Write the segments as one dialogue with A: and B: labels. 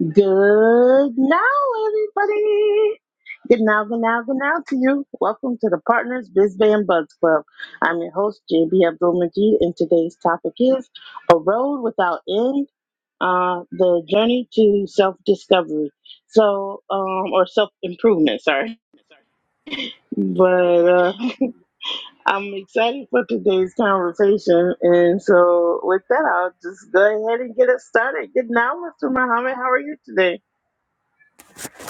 A: Good now, everybody. Good now, good now, good now to you. Welcome to the Partners Biz Bay and Buds Club. I'm your host, JB Abdul Majid, and today's topic is A Road Without End uh, The Journey to Self Discovery. So, um, or self improvement, sorry. But uh, I'm excited for today's conversation. And so, with that, I'll just go ahead and get it started. Good now, Mr. Muhammad. How are you today?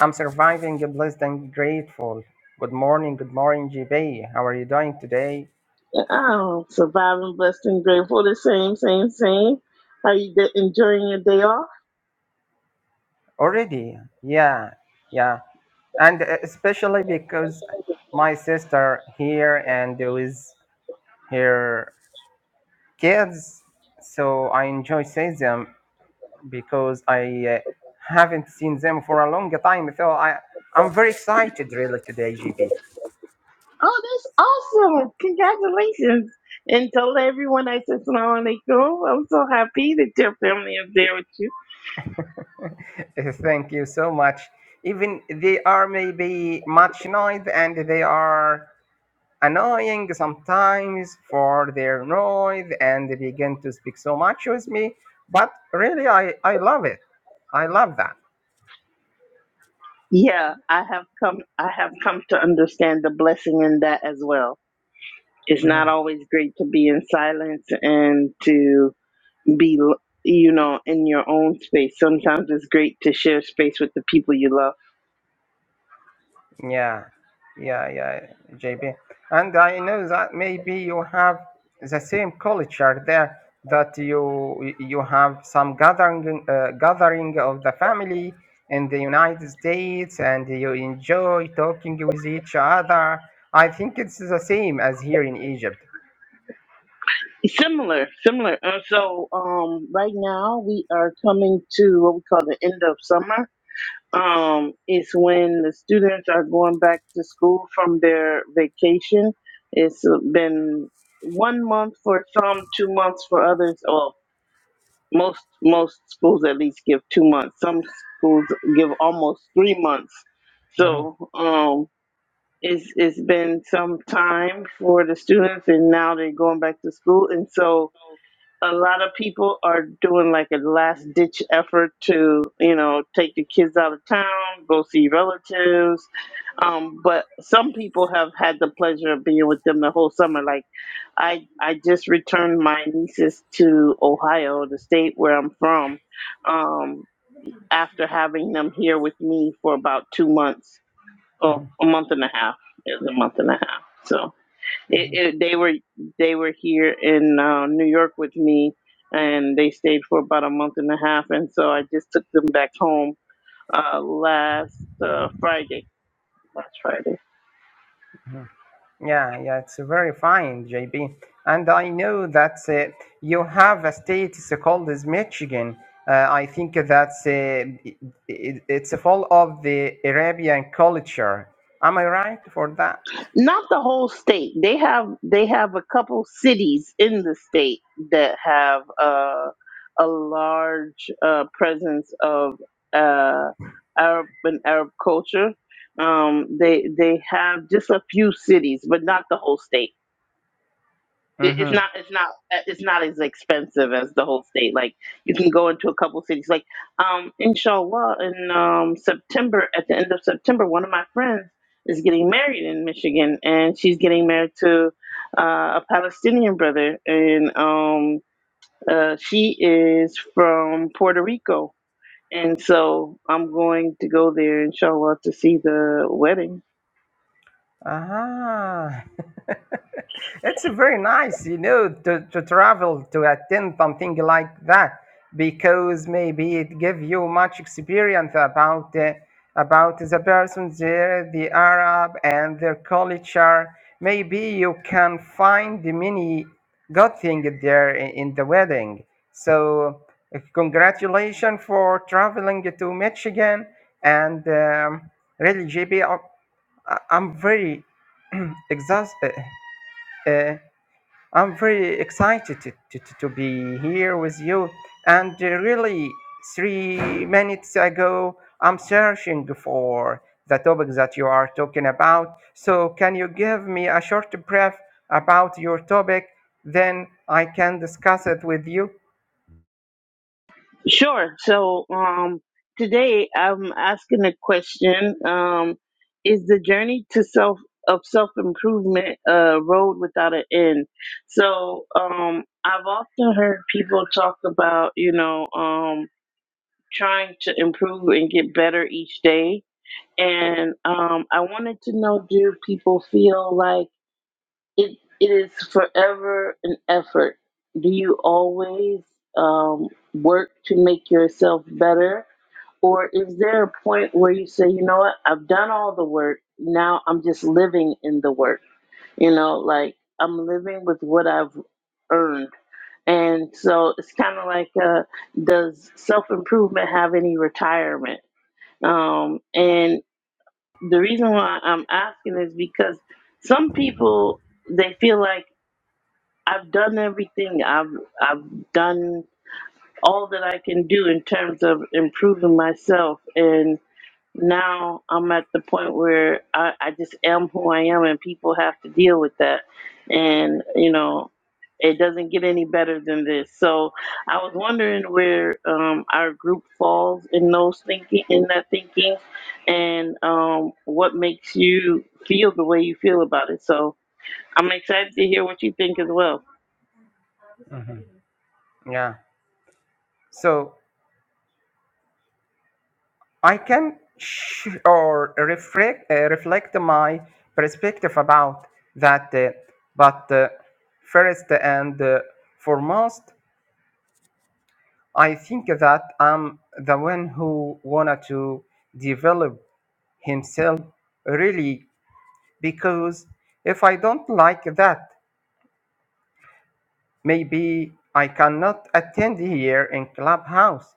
B: I'm surviving, blessed and grateful. Good morning, good morning, GB. How are you doing today?
A: Oh, surviving, blessed, and grateful. The same, same, same. Are you de- enjoying your day off?
B: Already, yeah, yeah. And uh, especially because my sister here and with her kids, so I enjoy seeing them because I uh, haven't seen them for a long time. So I, I'm very excited really today, GB.
A: Oh, that's awesome. Congratulations. And tell everyone I said salam alaikum. I'm so happy that your family is there with you.
B: Thank you so much. Even they are maybe much noise and they are annoying sometimes for their noise and they begin to speak so much with me. But really, I, I love it. I love that.
A: Yeah, I have come I have come to understand the blessing in that as well. It's
B: Mm-hmm.
A: not always great to be in silence and to be you know in your own space. Sometimes it's great to share space with the people you love.
B: Yeah, yeah, yeah, JB. And I know that maybe you have the same culture there that you you have some gathering uh, gathering of the family in the United States and you enjoy talking with each other. I think it's the same as here in Egypt.
A: Similar, similar. Uh, so um, right now we are coming to what we call the end of summer. Um, it's when the students are going back to school from their vacation. It's been one month for some, two months for others. Well, most most schools at least give two months. Some schools give almost three months.
B: Mhm.
A: So um, it's it's been some time for the students, and now they're going back to school, and so a lot of people are doing like a last ditch effort to you know take the kids out of town go see relatives um, but some people have had the pleasure of being with them the whole summer like i i just returned my nieces to ohio the state where i'm from um, after having them here with me for about two months or a month and a half it was a month and a half so it, it, they were they were here in uh, New York with me, and they stayed for about a month and a half, and so I just took them back home uh, last uh, Friday. Last Friday,
B: Yeah, yeah, it's very fine, JB. And I know that uh, you have a state it's called as Michigan. Uh, I think that uh, it, it's full of the Arabian culture. Am I right for that?
A: not the whole state. They have they have a couple cities in the state that have uh, a large uh, presence of uh, Arab and Arab culture. Um, they they have just a few cities, but not the whole state it- it's
B: hmm
A: not it's not uh, it's not as expensive as the whole state like you can go into a couple cities like um inshallah in um september at the end of september one of my friends is getting married in michigan and she's getting married to uh, a palestinian brother and um uh, she is from puerto rico and so i'm going to go there inshallah to see the wedding
B: Ah, it's very nice, you know, to, to travel to attend something like that because maybe it give you much experience about uh, about the persons there, the Arab and their culture. Maybe you can find many good things there in, in the wedding. So, uh, congratulations for traveling to Michigan and. Um, really JB I- I'm very exhausted. Uh, I'm very excited to, to, to to be here with you. And uh, really, three minutes ago, I'm searching for the topic that you are talking about. So, can you give me a short brief about your topic? Then I can discuss it with you.
A: Sure. So um, today I'm asking a question: um, Is the journey to self of self improvement a road without an end? So um, I've often heard people talk about you know um, trying to improve and get better each day and um, I wanted to know: Do people feel like it? It is forever an effort. Do you always um, work to make yourself better, or is there a point where you say, "You know what? I've done all the work. Now I'm just living in the work." You know, like I'm living with what I've earned. And so it's kind of like, uh, does self improvement have any retirement? Um, and the reason why I'm asking is because some people they feel like I've done everything. I've I've done all that I can do in terms of improving myself and now I'm at the point where I, I just am who I am, and people have to deal with that. And you know, it doesn't get any better than this. So I was wondering where um, our group falls in those thinking, in that thinking, and um, what makes you feel the way you feel about it. So I'm excited to hear what you think as well.
B: Mhm. Yeah. So, I can sh- or reflect uh, reflect my perspective about that. uh, but uh, first and uh, foremost, I think that I'm the one who wanted to develop himself really because if I don't like that, maybe I cannot attend here in clubhouse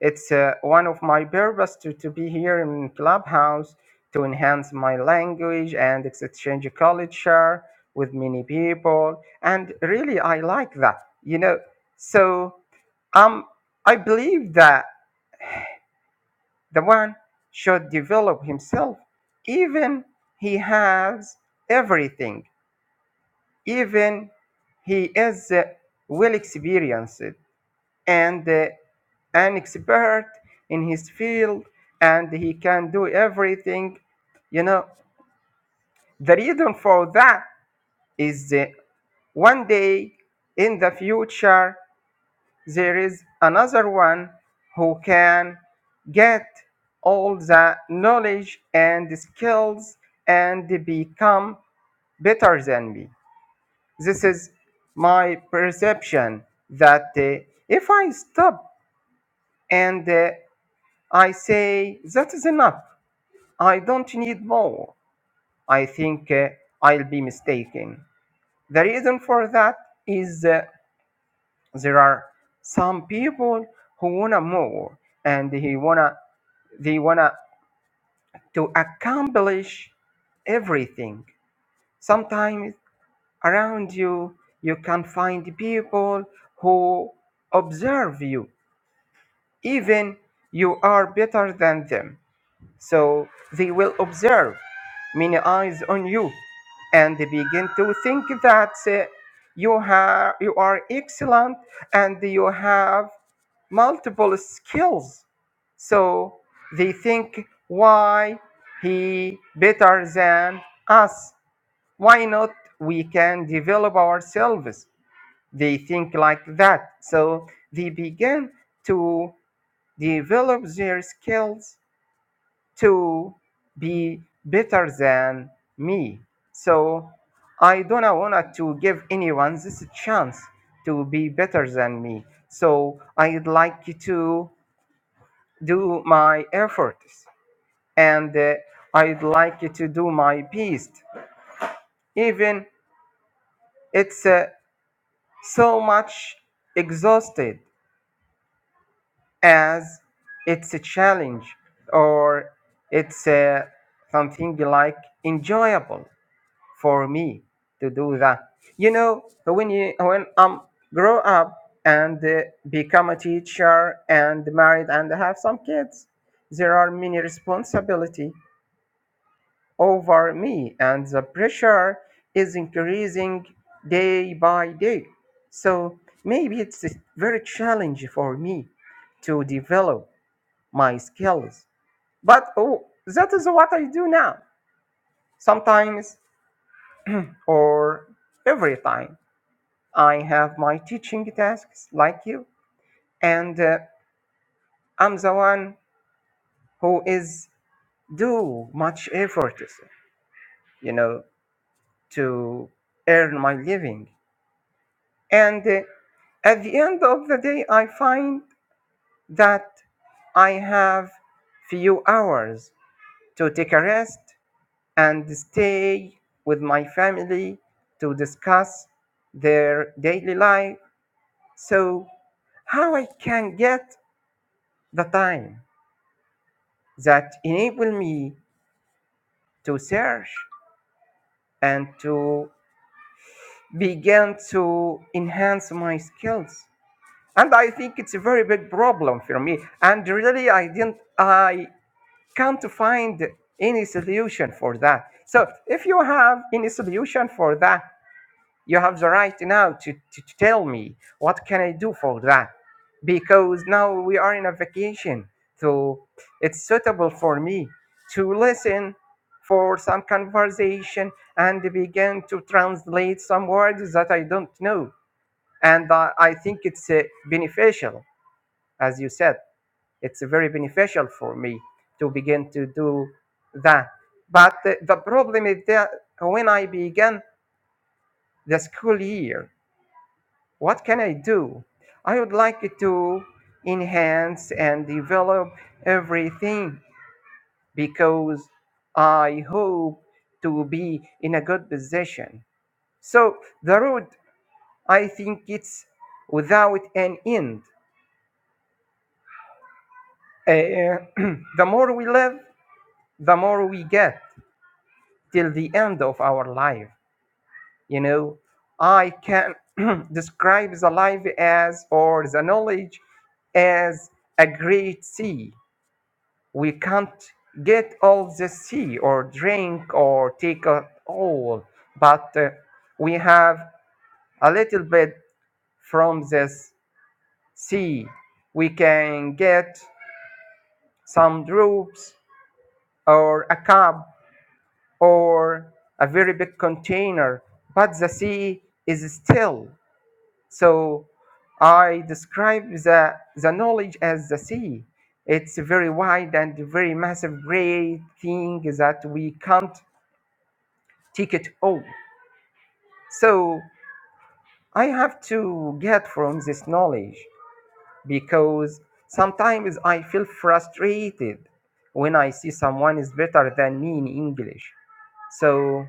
B: It's uh, one of my purpose to, to be here in Clubhouse to enhance my language and ex- exchange culture with many people. And really, I like that, you know. So um, I believe that the one should develop himself, even he has everything, even he is uh, well experienced and uh, an expert in his field and he can do everything you know the reason for that is that one day in the future there is another one who can get all the knowledge and skills and become better than me this is my perception that uh, if i stop and uh, I say, that is enough. I don't need more. I think uh, I'll be mistaken. The reason for that is uh, there are some people who wanna more and he wanna they wanna to accomplish everything. Sometimes around you you can find people who observe you even you are better than them So they will observe many eyes on you and they begin to think that uh, you, have, you are excellent and you have multiple skills. So they think, why he better than us? Why not we can develop ourselves? They think like that. So they begin to develop their skills to be better than me. So I don't want to give anyone this chance to be better than me. So I'd like to do my efforts and uh, I'd like to do my best. Even it's uh, so much exhausted as it's a challenge or it's uh, something like enjoyable for me to do that. You know, when you when I'm grow up and uh, become a teacher and married and have some kids, there are many responsibility over me, and the pressure is increasing day by day. So maybe it's very challenge for me to develop my skills. But oh, that is what I do now. Sometimes or every time I have my teaching tasks like you, and uh, I'm the one who is do much effort, you know, to earn my living. And uh, at the end of the day, I find that I have few hours to take a rest and stay with my family to discuss their daily life. So, how I can get the time? that enable me to search and to begin to enhance my skills and i think it's a very big problem for me and really i didn't i can't find any solution for that so if you have any solution for that you have the right now to, to, to tell me what can i do for that because now we are in a vacation so it's suitable for me to listen for some conversation and begin to translate some words that i don't know and uh, i think it's uh, beneficial as you said it's very beneficial for me to begin to do that but the, the problem is that when i began the school year What can I do? I would like to enhance and develop everything because I hope to be in a good position. So the road, I think it's without an end. Uh, the more we live, the more we get till the end of our life. You know, I can describe the life as, or the knowledge as a great sea we can't get all the sea or drink or take it all, but uh, we have a little bit from this sea. We can get some drops or a cup or a very big container, but the sea is still. So I describe the, the knowledge as the sea. It's very wide and very massive, great thing that we can't ticket home. So I have to get from this knowledge because sometimes I feel frustrated when I see someone is better than me in English. So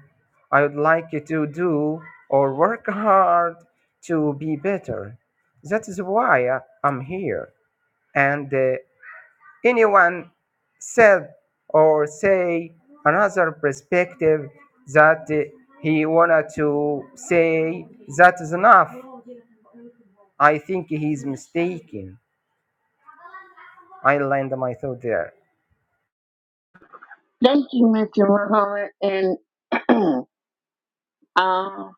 B: I would like to do or work hard to be better. That is why I- I'm here. And uh, anyone said or say another perspective that uh, he wanted to say that is enough i think he's mistaken i land my thought there
A: Thank you, Mr. Muhammad, and um,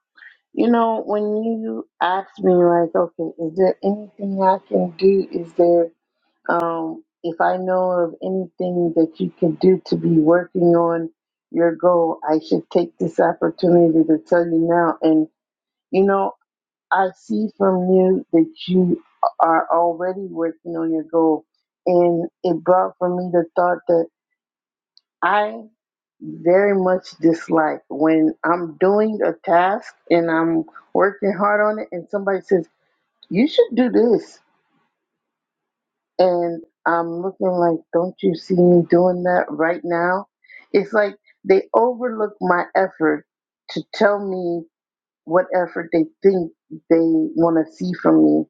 A: You know, when you asked me, like, okay, is there anything I can do? Is there, um, if I know of anything that you can do to be working on your goal, I should take this opportunity to tell you now. And, you know, I see from you that you are already working on your goal. And it brought for me the thought that. I very much dislike when I'm doing a task and I'm working hard on it, and somebody says, You should do this. And I'm looking like, Don't you see me doing that right now? It's like they overlook my effort to tell me what effort they think they want to see from me,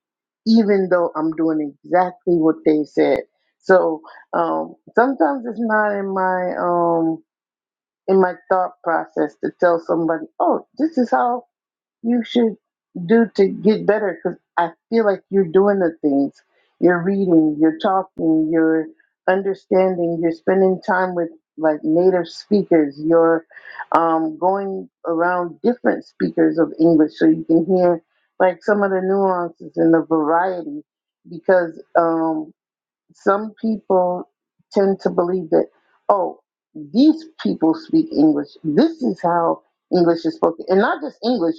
A: even though I'm doing exactly what they said. So um, sometimes it's not in my. Um, in my thought process to tell somebody, oh, this is how you should do to get better because I feel like you're doing the things. You're reading, you're talking, you're understanding, you're spending time with like native speakers, you're um, going around different speakers of English so you can hear like some of the nuances and the variety because um, some people tend to believe that, oh, these people speak English. This is how English is spoken. And not just English,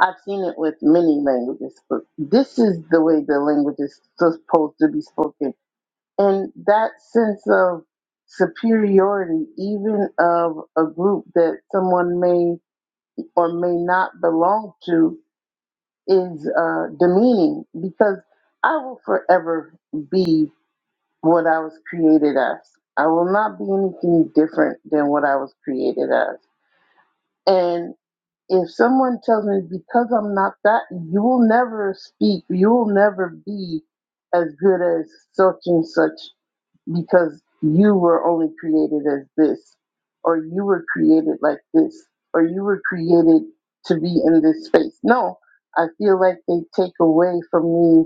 A: I've seen it with many languages, but this is the way the language is supposed to be spoken. And that sense of superiority, even of a group that someone may or may not belong to, is uh, demeaning because I will forever be what I was created as. I will not be anything different than what I was created as. And if someone tells me because I'm not that, you will never speak, you will never be as good as such and such because you were only created as this, or you were created like this, or you were created to be in this space. No, I feel like they take away from me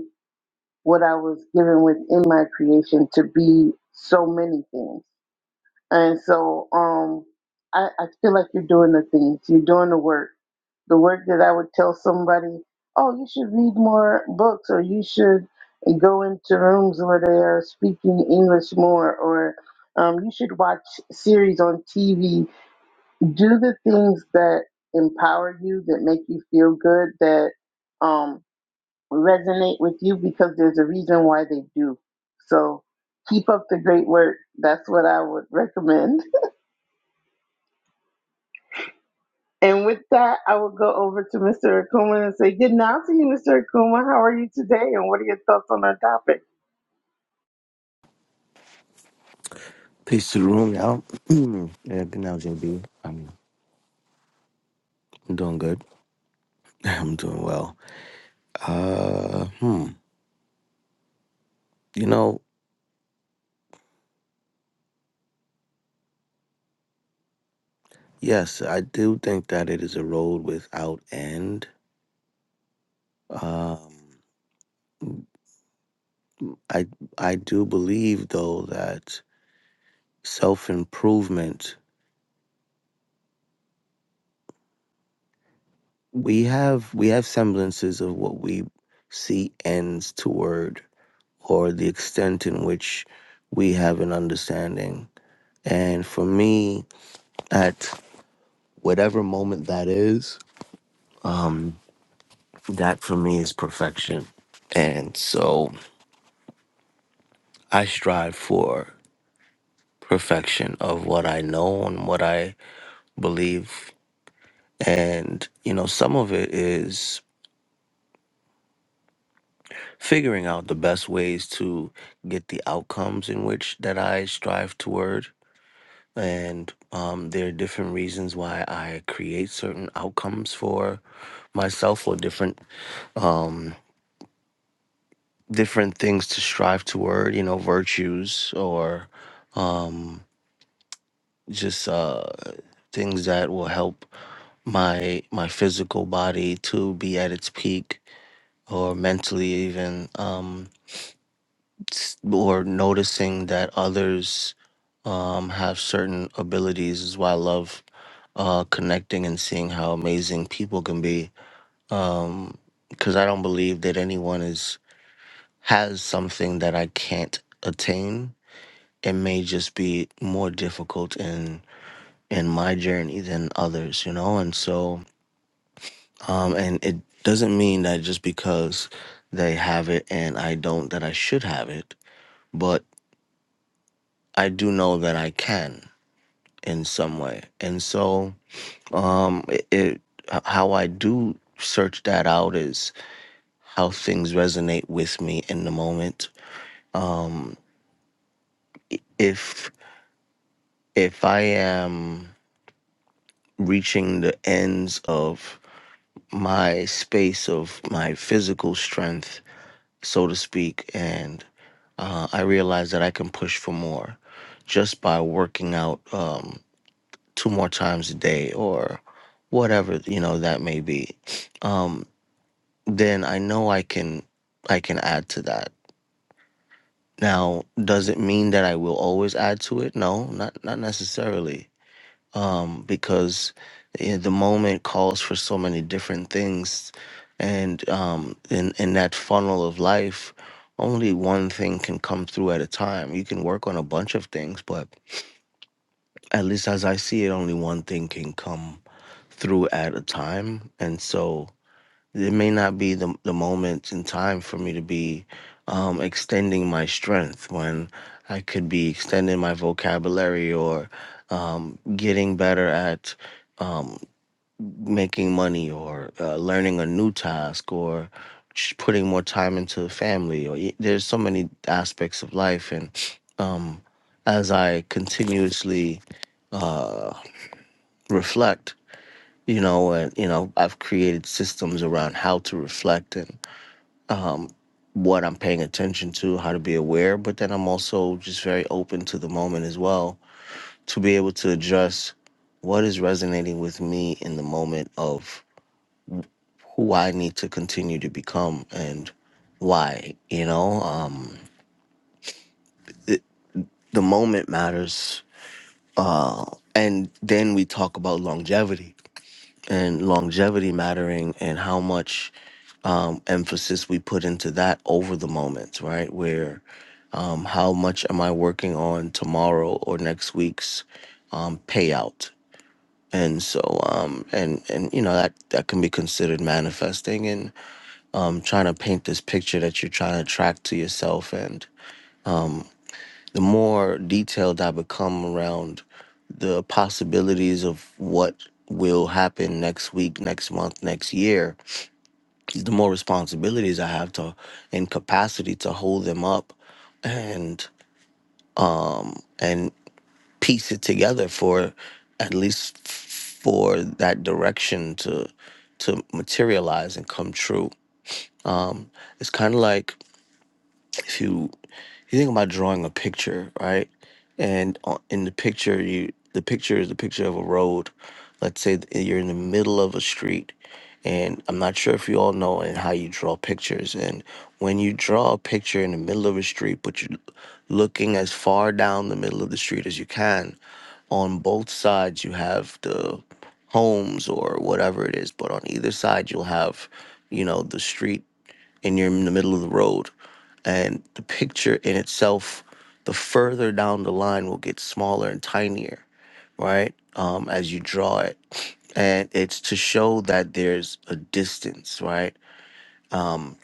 A: what I was given within my creation to be so many things. And so um, I, I feel like you're doing the things, you're doing the work. The work that I would tell somebody, oh, you should read more books or you should go into rooms where they are speaking English more or um, you should watch series on TV. Do the things that empower you, that make you feel good, that. Um, resonate with you because there's a reason why they do. So keep up the great work. That's what I would recommend. And with that, I will go over to Mr. Akuma and say good night to you, Mr. Akuma. How are you today? And what are your thoughts on our topic?
C: Peace to the room, y'all. yeah, good now, JB. I'm I'm doing good. I'm doing well. Uh, hmm. You know, yes, I do think that it is a road without end. Um, I I do believe though that self improvement. We have we have semblances of what we see ends toward, or the extent in which we have an understanding. And for me, at whatever moment that is, that for me is perfection. And so I strive for perfection of what I know and what I believe. And, you know, some of it is figuring out the best ways to get the outcomes in which that I strive toward. And um, there are different reasons why I create certain outcomes for myself or different um, different things to strive toward, you know, virtues or um, just uh, things that will help my my physical body to be at its peak or mentally even um, s- or noticing that others um, have certain abilities is why I love uh, connecting and seeing how amazing people can be. Um, because I don't believe that anyone is has something that I can't attain it may just be more difficult in in my journey than others you know and so um and it doesn't mean that just because they have it and i don't that i should have it but i do know that i can in some way and so um it, it h- how i do search that out is how things resonate with me in the moment um if if i am reaching the ends of my space of my physical strength, so to speak, and uh, I realized that I can push for more just by working out um, two more times a day or whatever you know that may be. Um, then I know I can I can add to that. Now, does it mean that I will always add to it? No, not not necessarily. um, because eh, the moment calls for so many different things, and um, in in that funnel of life, only one thing can come through at a time. You can work on a bunch of things, but at least as I see it, only one thing can come through at a time, and so it may not be the, the moment in time for me to be um, extending my strength when I could be extending my vocabulary or um, getting better at um, making money or uh, learning a new task or ch- putting more time into the family or y- there's so many aspects of life and um, as I continuously uh, reflect you know and you know I've created systems around how to reflect and um, what I'm paying attention to, how to be aware, but then I'm also just very open to the moment as well to be able to address what is resonating with me in the moment of who I need to continue to become and why, you know? Um, the moment matters. And then we talk about longevity and longevity mattering and how much um, emphasis we put into that over the moments, right? Where um, how much am I working on tomorrow or next week's um, payout? And so, um, and and you know that that can be considered manifesting and um, trying to paint this picture that you're trying to track to yourself. And the more detailed I become around the possibilities of what will happen next week, next month, next year, the more responsibilities I have to and capacity to hold them up and and piece it together for at least f- for that direction to to materialize and come true. It's kind of like if you you think about drawing a picture, right? And on- in the picture, you the picture is a picture of a road. Let's say that you're in the middle of a street, and I'm not sure if you all know and how you draw pictures. And when you draw a picture in the middle of a street, but you're looking as far down the middle of the street as you can, on both sides you have the homes or whatever it is, but on either side you'll have, you know, the street and you're in the middle of the road and the picture in itself the further down the line will get smaller and tinier right um, as you draw it and it's to show that there's a distance right um,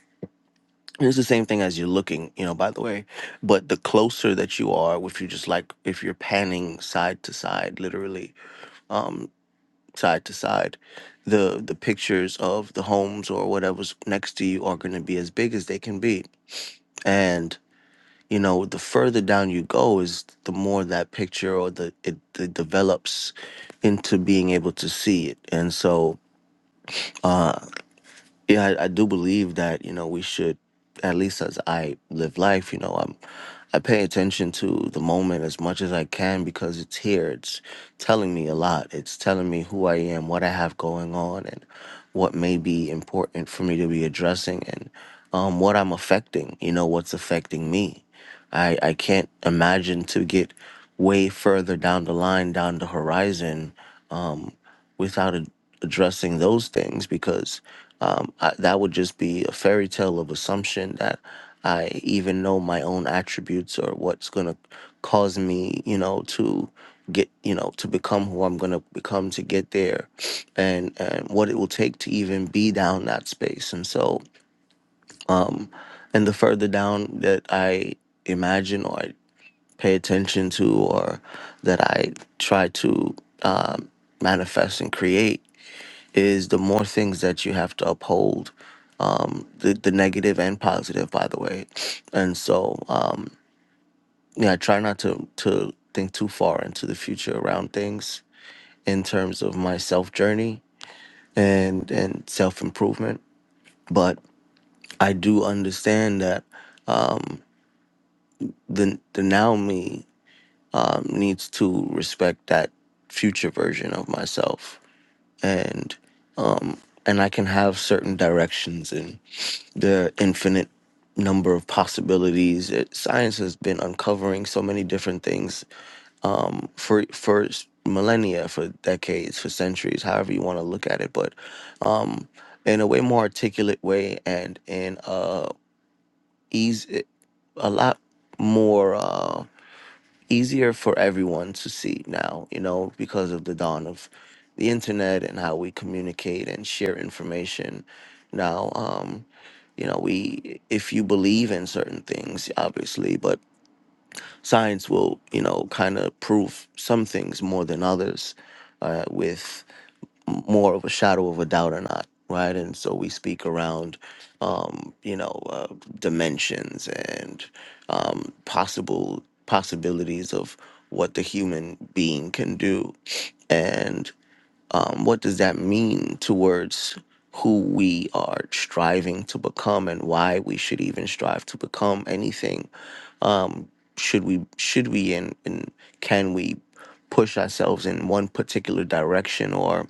C: and it's the same thing as you're looking you know by the way but the closer that you are if you're just like if you're panning side to side literally um, side to side the the pictures of the homes or whatever's next to you are going to be as big as they can be and you know the further down you go is the more that picture or the it, it develops into being able to see it and so yeah I, I do believe that you know we should at least as i live life you know I'm. I pay attention to the moment as much as I can because it's here. It's telling me a lot. It's telling me who I am, what I have going on, and what may be important for me to be addressing, and um, what I'm affecting. You know, what's affecting me. I I can't imagine to get way further down the line, down the horizon, um, without ad- addressing those things because um, I, that would just be a fairy tale of assumption that I even know my own attributes or what's going to cause me, you know, to get, you know, to become who I'm going to become to get there and, and what it will take to even be down that space. And so, and the further down that I imagine or I pay attention to or that I try to um, manifest and create is the more things that you have to uphold, um, the, the negative and positive, by the way. And so, um, yeah, I try not to, to think too far into the future around things in terms of my self journey and, and self improvement. But I do understand that um, the, the now me um, needs to respect that future version of myself. And um, and I can have certain directions the infinite number of possibilities. It, science has been uncovering so many different things um, for for s- millennia, for decades, for centuries, however you want to look at it. But um, in a way more articulate way, and in uh, ease, a lot more. Uh, easier for everyone to see now, you know, because of the dawn of the internet and how we communicate and share information now. Um, you know, we if you believe in certain things, obviously, but science will, you know, kind of prove some things more than others. Uh, with more of a shadow of a doubt or not right and so we speak around um you know uh, dimensions and um possible possibilities of what the human being can do and um what does that mean towards who we are striving to become and why we should even strive to become anything um should we should we and, and can we push ourselves in one particular direction or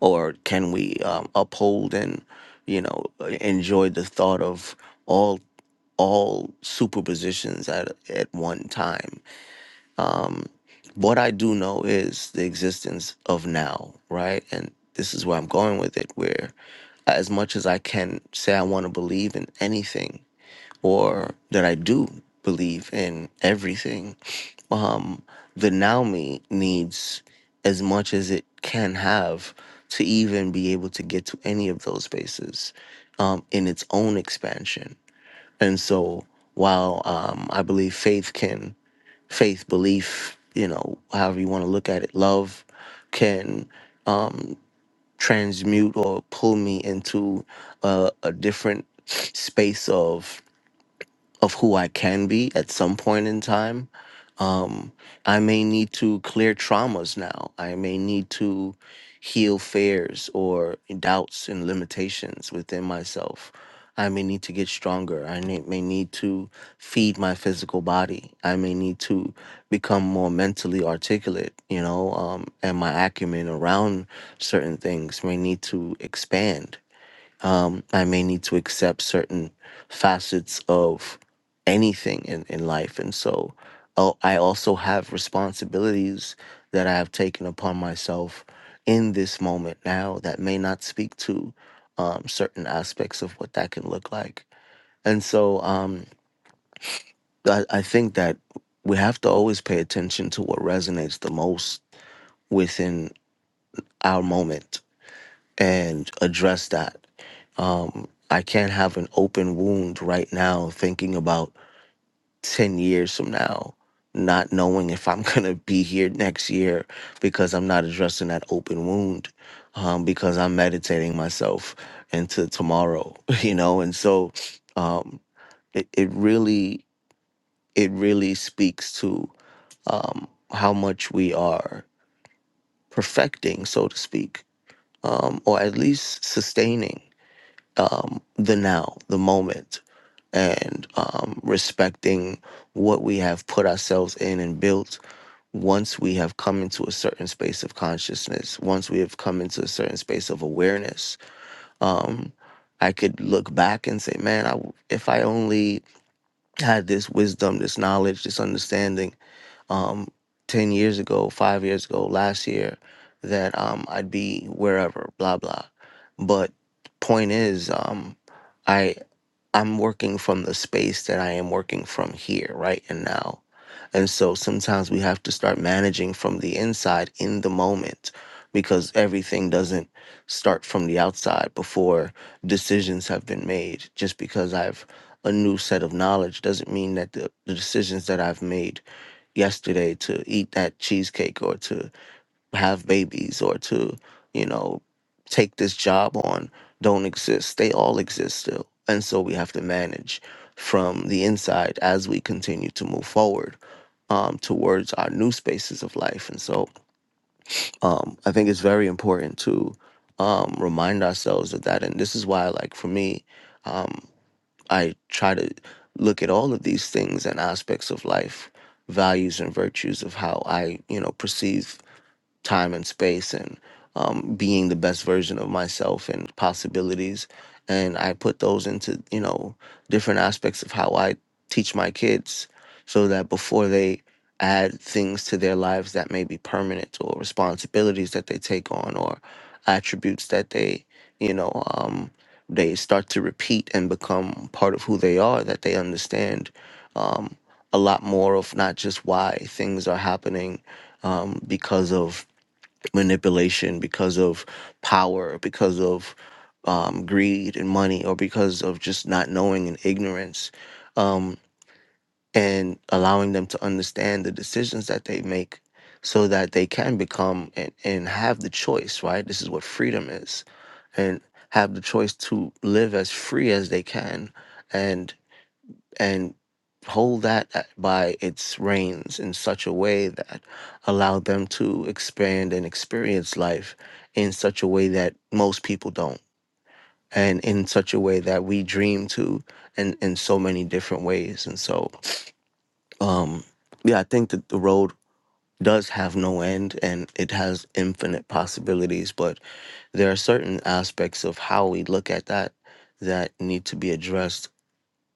C: or can we um, uphold and you know enjoy the thought of all all superpositions at at one time what i do know is the existence of now right and this is where i'm going with it where as much as i can say i want to believe in anything or that i do believe in everything um, the now me needs as much as it can have to even be able to get to any of those spaces um, in its own expansion. And so, while um, I believe faith can, faith, belief, you know, however you want to look at it, love can um, transmute or pull me into a, a different space of of who I can be at some point in time um, I may need to clear traumas now. I may need to heal fears or doubts and limitations within myself. I may need to get stronger. I ne- may need to feed my physical body. I may need to become more mentally articulate, you know, um, and my acumen around certain things may need to expand um, I may need to accept certain facets of anything in, in life. And so oh, I also have responsibilities that I have taken upon myself in this moment now that may not speak to um, certain aspects of what that can look like. And so um, I, I think that we have to always pay attention to what resonates the most within our moment and address that. Um, I can't have an open wound right now thinking about 10 years from now, not knowing if I'm going to be here next year because I'm not addressing that open wound um, because I'm meditating myself into tomorrow, you know? And so um, it, it really, it really speaks to um, how much we are perfecting, so to speak, um, or at least sustaining um, the now, the moment, and um, respecting what we have put ourselves in and built once we have come into a certain space of consciousness, once we have come into a certain space of awareness. Um, I could look back and say, man, I, if I only had this wisdom, this knowledge, this understanding um, 10 years ago, five years ago, last year, that um, I'd be wherever, blah, blah. But point is, um, I I'm working from the space that I am working from here, right and now. And so sometimes we have to start managing from the inside in the moment because everything doesn't start from the outside before decisions have been made. Just because I've a new set of knowledge doesn't mean that the, the decisions that I've made yesterday to eat that cheesecake or to have babies or to, you know, take this job on don't exist. They all exist still. And so we have to manage from the inside as we continue to move forward um, towards our new spaces of life. And so um, I think it's very important to um, remind ourselves of that. And this is why, like, for me, um, I try to look at all of these things and aspects of life, values and virtues of how I, you know, perceive time and space and um, being the best version of myself and possibilities. And I put those into, you know, different aspects of how I teach my kids so that before they add things to their lives that may be permanent or responsibilities that they take on or attributes that they, you know, um, they start to repeat and become part of who they are, that they understand um, a lot more of not just why things are happening um, because of manipulation, because of power, because of um, greed and money, or because of just not knowing and ignorance, um, and allowing them to understand the decisions that they make so that they can become and, and have the choice, right? This is what freedom is, and have the choice to live as free as they can and hold that at- by its reins in such a way that allow them to expand and experience life in such a way that most people don't and in such a way that we dream to and in in so many different ways and so um yeah i think that the road does have no end and it has infinite possibilities but there are certain aspects of how we look at that that need to be addressed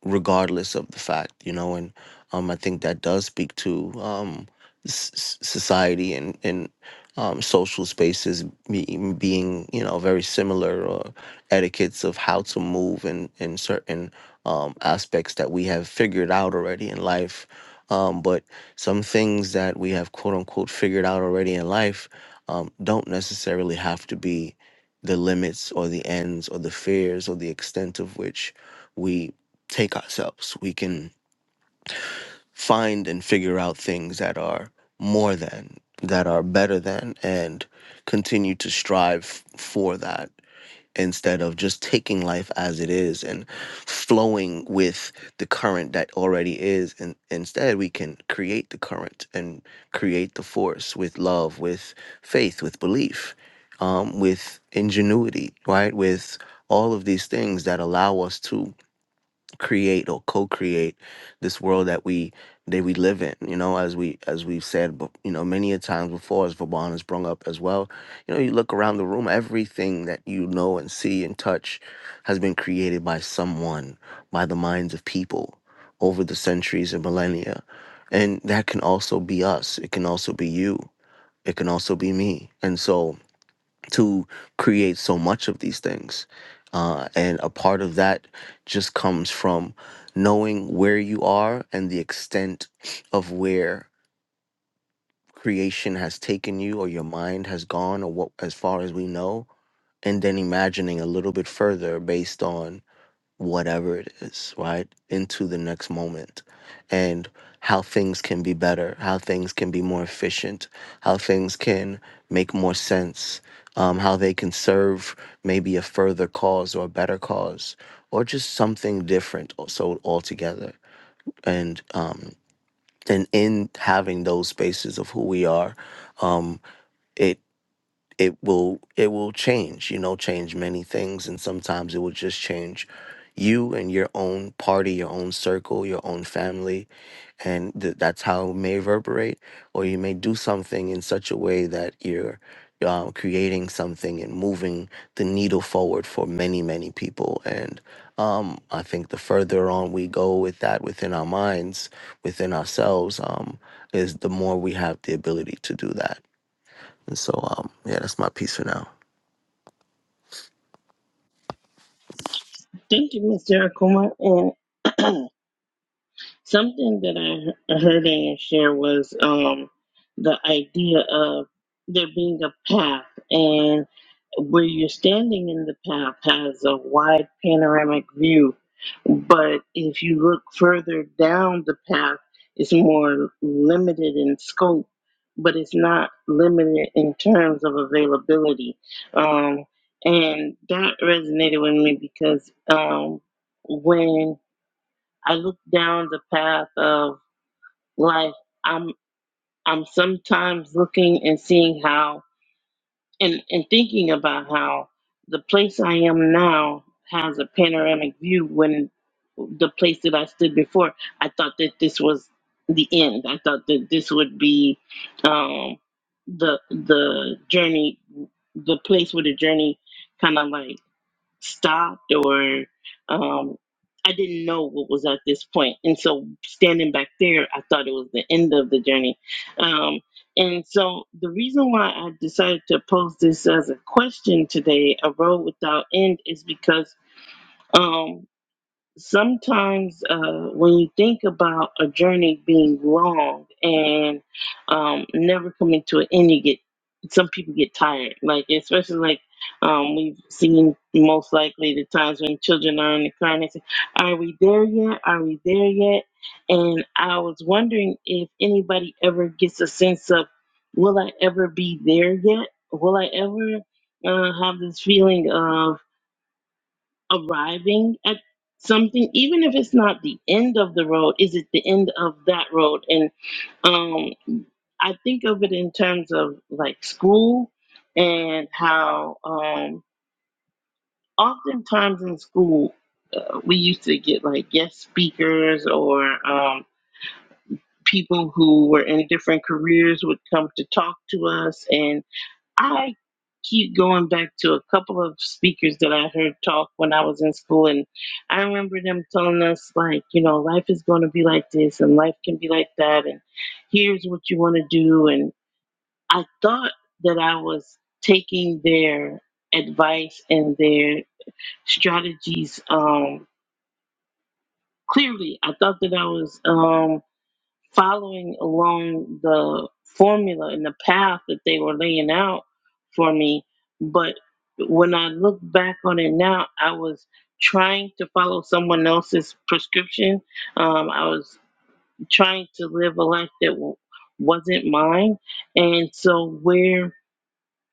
C: regardless of the fact, you know, and um, I think that does speak to um, s- s- society and and um, social spaces be- being, you know, very similar or etiquettes of how to move in in certain um, aspects that we have figured out already in life. Um, but some things that we have quote unquote figured out already in life um, don't necessarily have to be the limits or the ends or the fears or the extent of which we take ourselves. We can find and figure out things that are more than, that are better than, and continue to strive for that instead of just taking life as it is and flowing with the current that already is. And instead, we can create the current and create the force with love, with faith, with belief, um, with ingenuity, right? With all of these things that allow us to create or co-create this world that we that we live in you know as we as we've said bef- you know many a times before as Vaban has brung up as well you know you look around the room everything that you know and see and touch has been created by someone by the minds of people over the centuries and millennia and that can also be us it can also be you it can also be me and so to create so much of these things. Uh, and a part of that just comes from knowing where you are and the extent of where creation has taken you or your mind has gone or what as far as we know and then imagining a little bit further based on whatever it is, right? Into the next moment and how things can be better, how things can be more efficient, how things can make more sense, um, how they can serve maybe a further cause or a better cause or just something different so altogether. And um and in having those spaces of who we are, um, it it will it will change you know change many things and sometimes it will just change you and your own party your own circle your own family and th- that's how it may reverberate or you may do something in such a way that you're uh, creating something and moving the needle forward for many many people and um, i think the further on we go with that within our minds within ourselves um, is the more we have the ability to do that and so um, yeah that's my piece for now
A: Thank you, Mr. Akuma. And. Something that I he- heard Ann share was um, the idea of there being a path, and where you're standing in the path has a wide panoramic view. But if you look further down the path, it's more limited in scope, but it's not limited in terms of availability. Um, and that resonated with me because um, when I look down the path of life. I'm I'm sometimes looking and seeing how and, and thinking about how the place I am now has a panoramic view when the place that I stood before, I thought that this was the end. I thought that this would be um, the the journey the place where the journey kind of like stopped or um, I didn't know what was at this point. And so standing back there, I thought it was the end of the journey. Um, and so the reason why I decided to pose this as a question today, a road without end, is because um, sometimes uh, when you think about a journey being long and um, never coming to an end, you get some people get tired. Like especially like um, we've seen most likely the times when children are in the car and they say, "Are we there yet? Are we there yet?" And I was wondering if anybody ever gets a sense of, "Will I ever be there yet? Will I ever?" Uh, have this feeling of arriving at something even if it's not the end of the road is it the end of that road and um i think of it in terms of like school and how um oftentimes in school uh, we used to get like guest speakers or um people who were in different careers would come to talk to us and. I keep going back to a couple of speakers that I heard talk when I was in school, and I remember them telling us, like, you know, life is going to be like this, and life can be like that, and here's what you want to do. And I thought that I was taking their advice and their strategies um, clearly. I thought that I was. Um, following along the formula and the path that they were laying out for me. But when I look back on it now, I was trying to follow someone else's prescription. Um, I was trying to live a life that w- wasn't mine. And so, where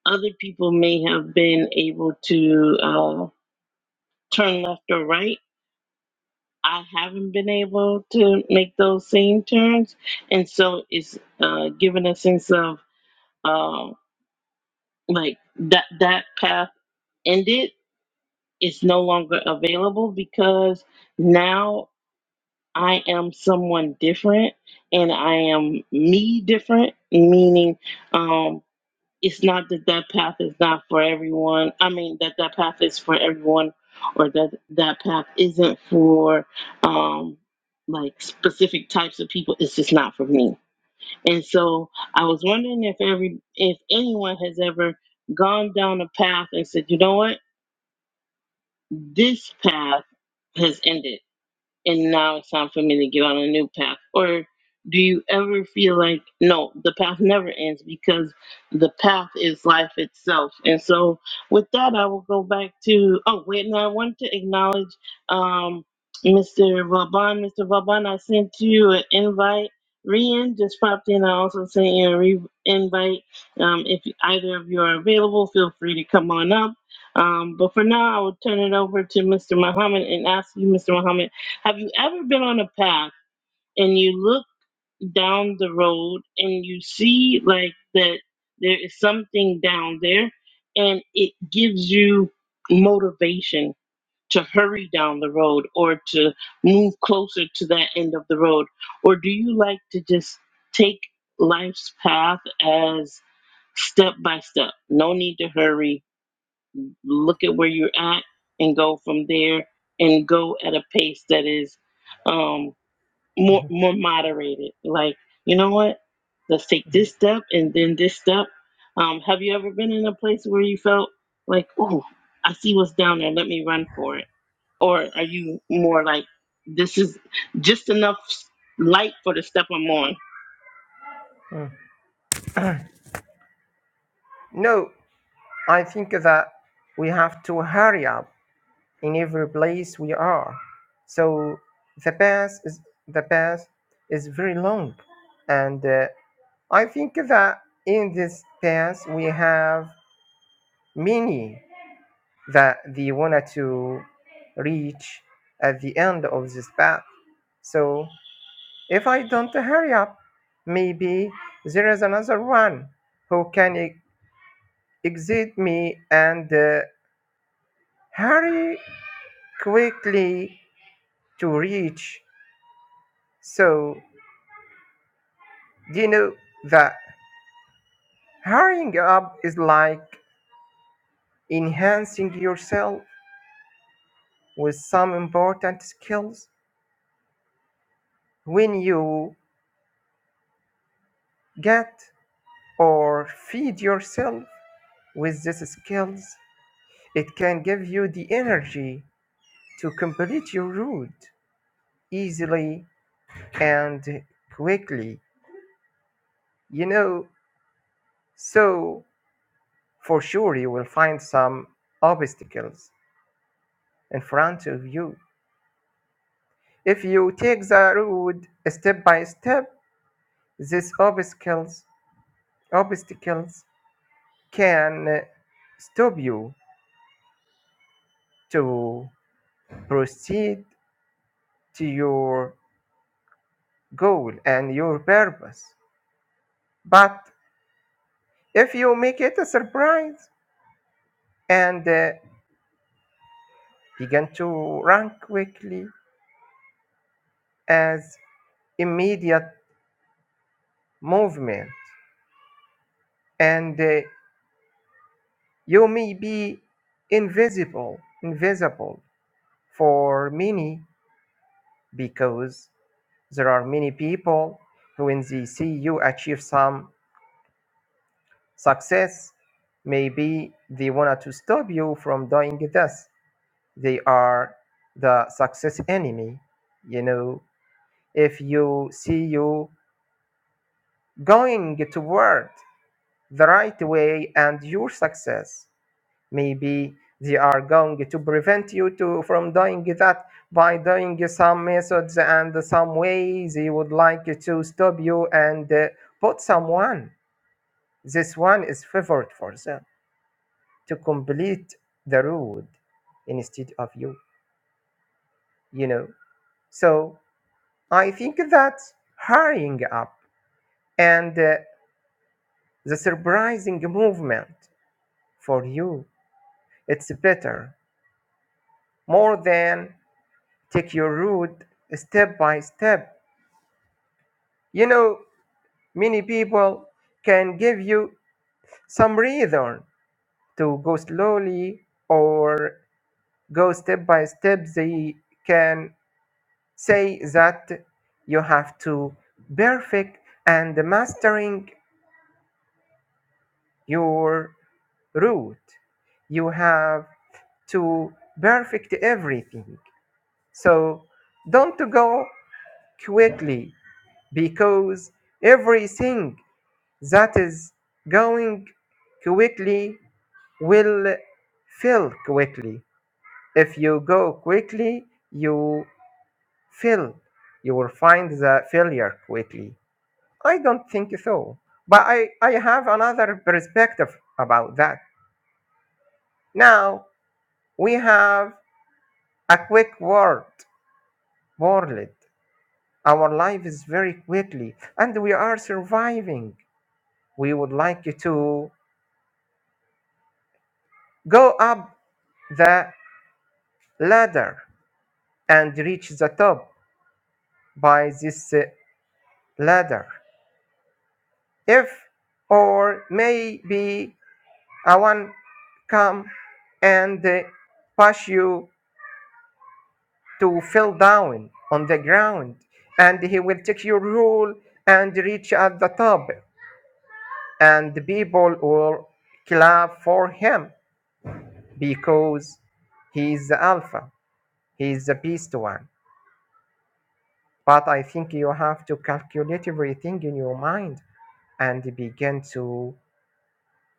A: other people may have been able to uh, turn left or right, I haven't been able to make those same turns, and so it's uh, given a sense of um, like that that path ended. It's no longer available because now I am someone different, and I am me different, meaning. Um, it's not that that path is not for everyone. I mean that that path is for everyone, or that that path isn't for um, like specific types of people. It's just not for me. And so I was wondering if every if anyone has ever gone down a path and said, you know what, this path has ended and now it's time for me to get on a new path? Or do you ever feel like, no, the path never ends because the path is life itself? And so, with that, I will go back to, oh, wait, no, I wanted to acknowledge um, Mr. Vaban. Mr. Vaban, I sent you an invite. Rian just popped in. I also sent you a re- invite. Um, if either of you are available, feel free to come on up. Um, but for now, I will turn it over to Mr. Muhammad and ask you, Mr. Muhammad. Have you ever been on a path and you look down the road and you see like that there is something down there and it gives you motivation to hurry down the road or to move closer to that end of the road? Or do you like to just take life's path as step by step? No need to hurry. Look at where you're at and go from there and go at a pace that is. Um, more more moderated. Like, you know what? Let's take this step and then this step. Um, have you ever been in a place where you felt like, oh, I see what's down there, let me run for it? Or are you more like, this is just enough s- light for the step I'm on?
B: Mm. no i think that we have to hurry up in every place we are so the path is the path is very long and uh, I think that in this past we have many that they wanted to reach at the end of this path. So if I don't hurry up, maybe there is another one who can e- exceed me and uh, hurry quickly to reach. So do you know that hurrying up is like enhancing yourself with some important skills when you get or feed yourself with these skills, it can give you the energy to complete your route easily and quickly, you know. So, for sure, you will find some obstacles in front of you. If you take the road step by step, these obstacles, obstacles can stop you to proceed to your goal and your purpose. But if you make it a surprise and uh, begin to run quickly as immediate movement, and uh, you may be invisible, invisible for many because there are many people who, when they see you achieve some success, maybe they wanted to stop you from doing this they are the success enemy you know if you see you going toward the right way and your success maybe they are going to prevent you to from doing that by doing some methods and some ways they would like to stop you and uh, put someone this one is favored for them to complete the road instead of you you know so I think that hurrying up and uh, the surprising movement for you, it's better more than take your route step by step. You know, many people can give you some reason to go slowly or go step by step. They can say that you have to perfect and mastering your root. You have to perfect everything. So don't go quickly because everything that is going quickly will fail quickly. If you go quickly, you fail. You will find the failure quickly. I don't think so. But I, I have another perspective about that. Now, We have a quick world, world. Our life is very quickly, and we are surviving. We would like you to go up the ladder and reach the top by this uh, ladder. If or maybe I want come and uh, push you to fall down on the ground, and he will take your rule and reach at the top. and the people will clap for him because he is the alpha, he is the best one. But I think you have to calculate everything in your mind and begin to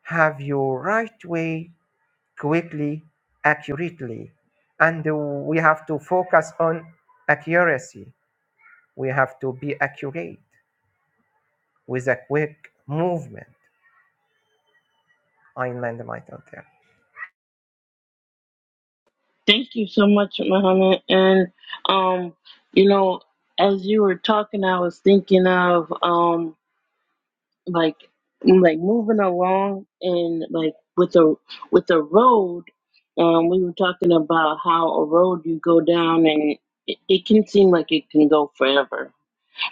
B: have your right way quickly, accurately. And we have to focus on accuracy. We have to be accurate with a quick movement. I land my thought there.
A: Thank you so much, Muhammad. And um, you know, as you were talking, I was thinking of um like like moving along and like with the with the road um we were talking about how a road you go down and it, it can seem like it can go forever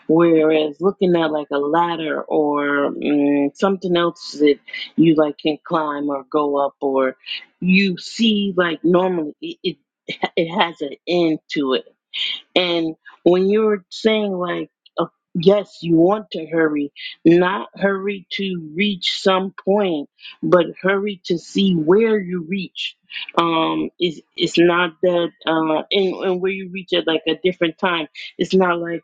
A: whereas looking at like a ladder or mm, something else that you like can climb or go up or you see like normally it, it, it has an end to it and when you were saying, like, uh, yes, you want to hurry, not hurry to reach some point, but hurry to see where you reach. Um, it's, it's not that, uh, and, and where you reach at like a different time. It's not like,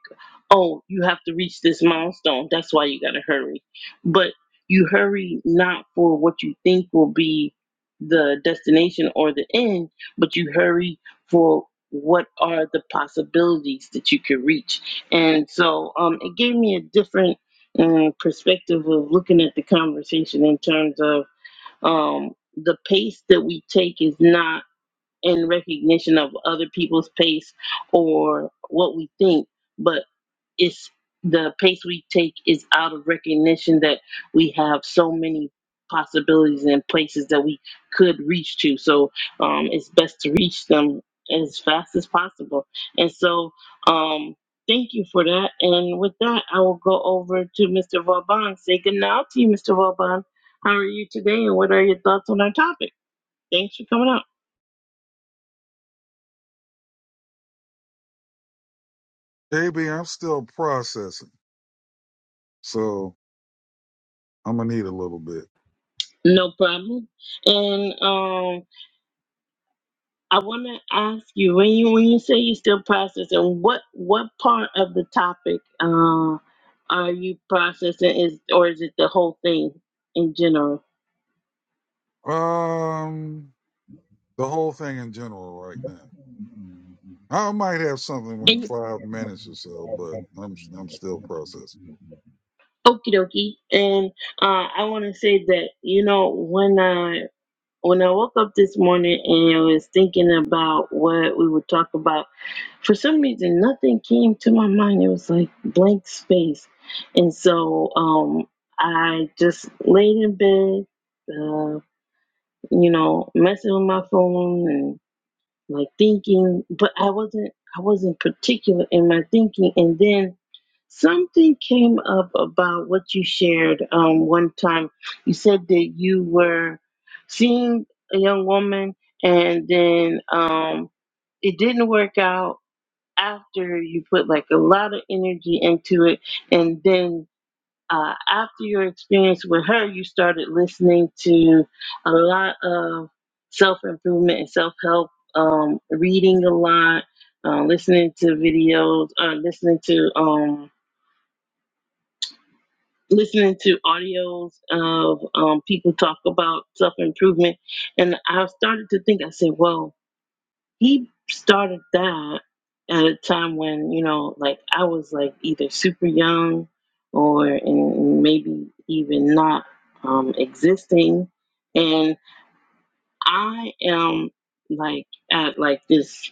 A: oh, you have to reach this milestone. That's why you got to hurry. But you hurry not for what you think will be the destination or the end, but you hurry for what are the possibilities that you could reach and so um, it gave me a different um, perspective of looking at the conversation in terms of um, the pace that we take is not in recognition of other people's pace or what we think but it's the pace we take is out of recognition that we have so many possibilities and places that we could reach to. So um, it's best to reach them as fast as possible. And so um, thank you for that. And with that, I will go over to Mr. Vauban. Say good night to you, Mr. Vauban. How are you today? And what are your thoughts on our topic? Thanks for coming out.
D: KB, I'm still processing, so I'm gonna need a little bit.
A: No problem. And um, I want to ask you when you when you say you're still processing, what what part of the topic uh, are you processing? Is or is it the whole thing in general?
D: Um, the whole thing in general right now. I might have something in
A: And
D: five minutes or so, but I'm I'm still processing.
A: okie dokie. And uh, I want to say that you know when I when I woke up this morning and I was thinking about what we would talk about, for some reason nothing came to my mind. It was like blank space, and so um, I just laid in bed. Uh, you know, messing with my phone and like thinking, but I wasn't I wasn't particular in my thinking. And then something came up about what you shared um, one time. You said that you were seeing a young woman and then um, it didn't work out after you put like a lot of energy into it and then uh, after your experience with her, you started listening to a lot of self improvement and self help, um, reading a lot, uh, listening to videos, uh, listening to um, listening to audios of um, people talk about self improvement, and I started to think, I said, "Well." he started that at a time when you know like i was like either super young or and maybe even not um, existing and i am like at like this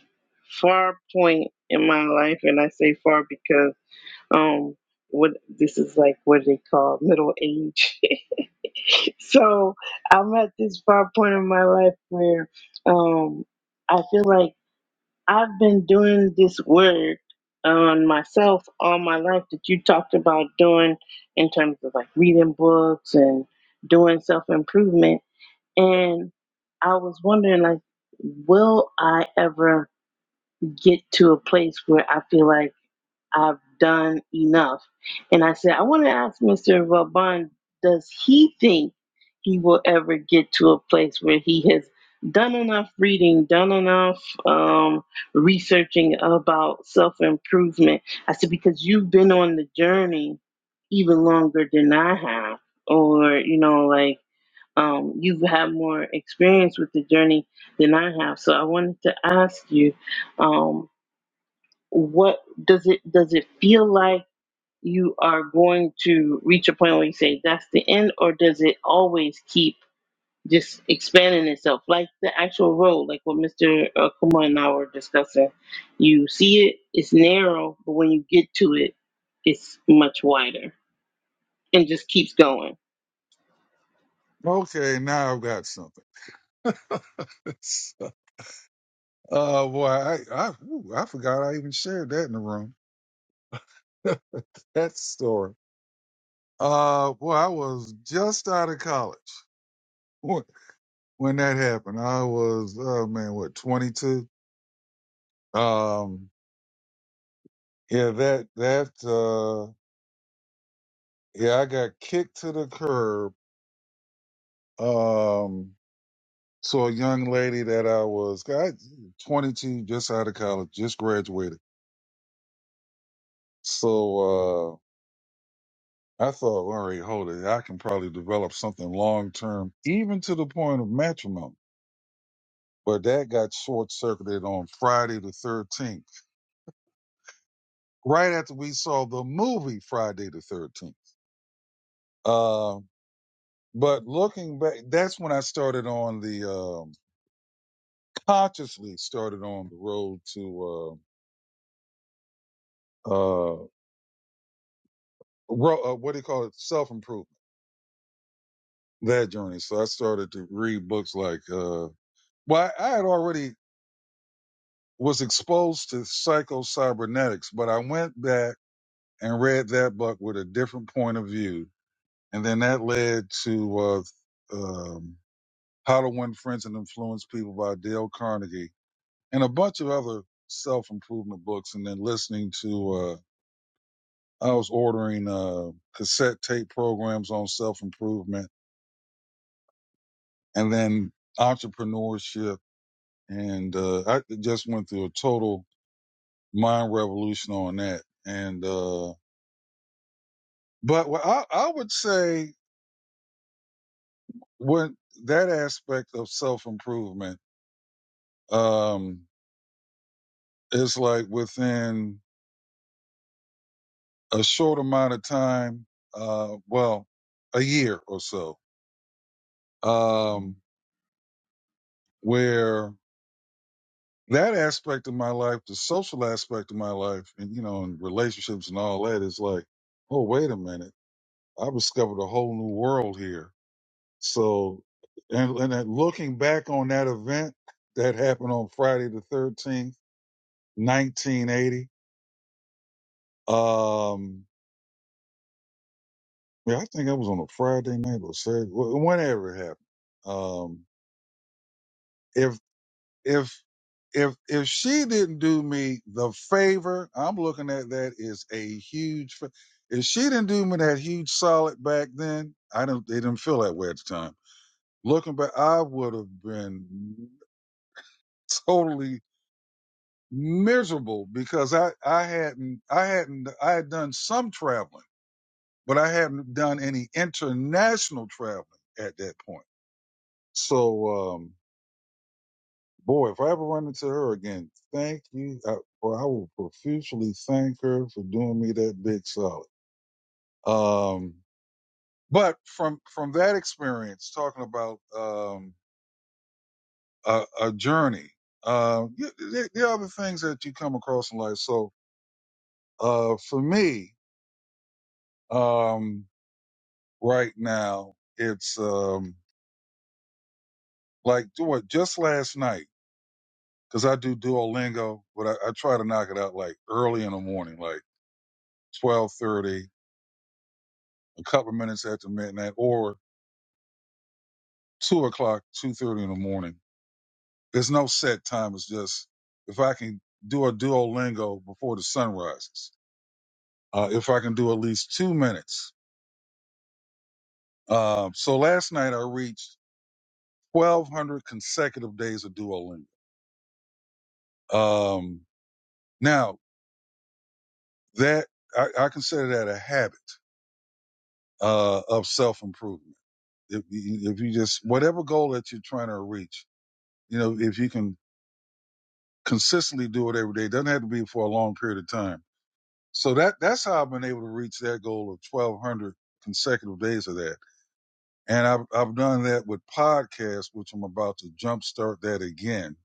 A: far point in my life and i say far because um what this is like what they call middle age so i'm at this far point in my life where um i feel like I've been doing this work on myself all my life that you talked about doing in terms of like reading books and doing self improvement. And I was wondering, like, will I ever get to a place where I feel like I've done enough? And I said, I want to ask Mr. Vauban, does he think he will ever get to a place where he has done enough reading, done enough um, researching about self improvement? I said, because you've been on the journey even longer than I have, or, you know, like, um, you've had more experience with the journey than I have, so I wanted to ask you, um, what does it does it feel like? you are going to reach a point where you say that's the end, or does it always keep just expanding itself, like the actual road, like what Mr. Uh, Kuma and I were discussing? You see it, it's narrow, but when you get to it, it's wider and just keeps going.
D: Okay, now I've got something. So, uh, boy, I I, ooh, I forgot I even shared that in the room. that story. Uh, boy, I was just out of college when when that happened. I was, oh man, what, 22? Um, Yeah, that that uh yeah, I got kicked to the curb. Um so a young lady that I was got 22 just out of college, just graduated. So uh I thought, all right, hold it. I can probably develop something long term, even to the point of matrimony. But that got short circuited on Friday the 13th, right after we saw the movie Friday the 13th. Uh, but looking back, that's when I started on the uh, consciously started on the road to uh, uh, ro- uh what do you call it self improvement that journey. So I started to read books like uh, well I, I had already was exposed to psycho cybernetics, but I went back and read that book with a different point of view, and then that led to uh, um, How to Win Friends and Influence People by Dale Carnegie and a bunch of other self improvement books, and then listening to. Uh, I was ordering uh, cassette tape programs on self improvement and then entrepreneurship. And uh, I just went through a total mind revolution on that. And, uh, but I, I would say when that aspect of self improvement um, is like within a short amount of time, uh, well, a year or so, um, where that aspect of my life, the social aspect of my life, and you know, and relationships and all that is like, oh, wait a minute, I discovered a whole new world here. So, and and then looking back on that event that happened on Friday the thirteenth, nineteen eighty, um, yeah, I think I was on a Friday night or Saturday, wh- whenever it happened. Um, if if if if she didn't do me the favor, I'm looking at that as a huge. fa- If she didn't do me that huge solid back then, I don't. They didn't feel that way at the time. Looking back, I would have been totally miserable because I I hadn't I hadn't I had done some traveling, but I hadn't done any international traveling at that point. So. um Boy, if I ever run into her again, thank you. I, boy, I will profusely thank her for doing me that big solid. Um, but from from that experience, talking about um, a, a journey, uh, there, there are other things that you come across in life. So uh, for me, um, right now, it's um, like what just last night because I do Duolingo, but I, I try to knock it out like early in the morning, like twelve thirty a couple of minutes after midnight or two o'clock, two thirty in the morning. There's no set time. It's just if I can do a Duolingo before the sun rises, uh, if I can do at least two minutes. Um, so last night I reached 1,200 consecutive days of Duolingo. Um, now that I, I consider that a habit uh, of self improvement. If, you- if you just whatever goal that you're trying to reach, you know, if you can consistently do it every day, it doesn't have to be for a long period of time So that that's how I've been able to reach that goal of 1,200 consecutive days of that. And I've I've done that with podcasts, which I'm about to jumpstart that again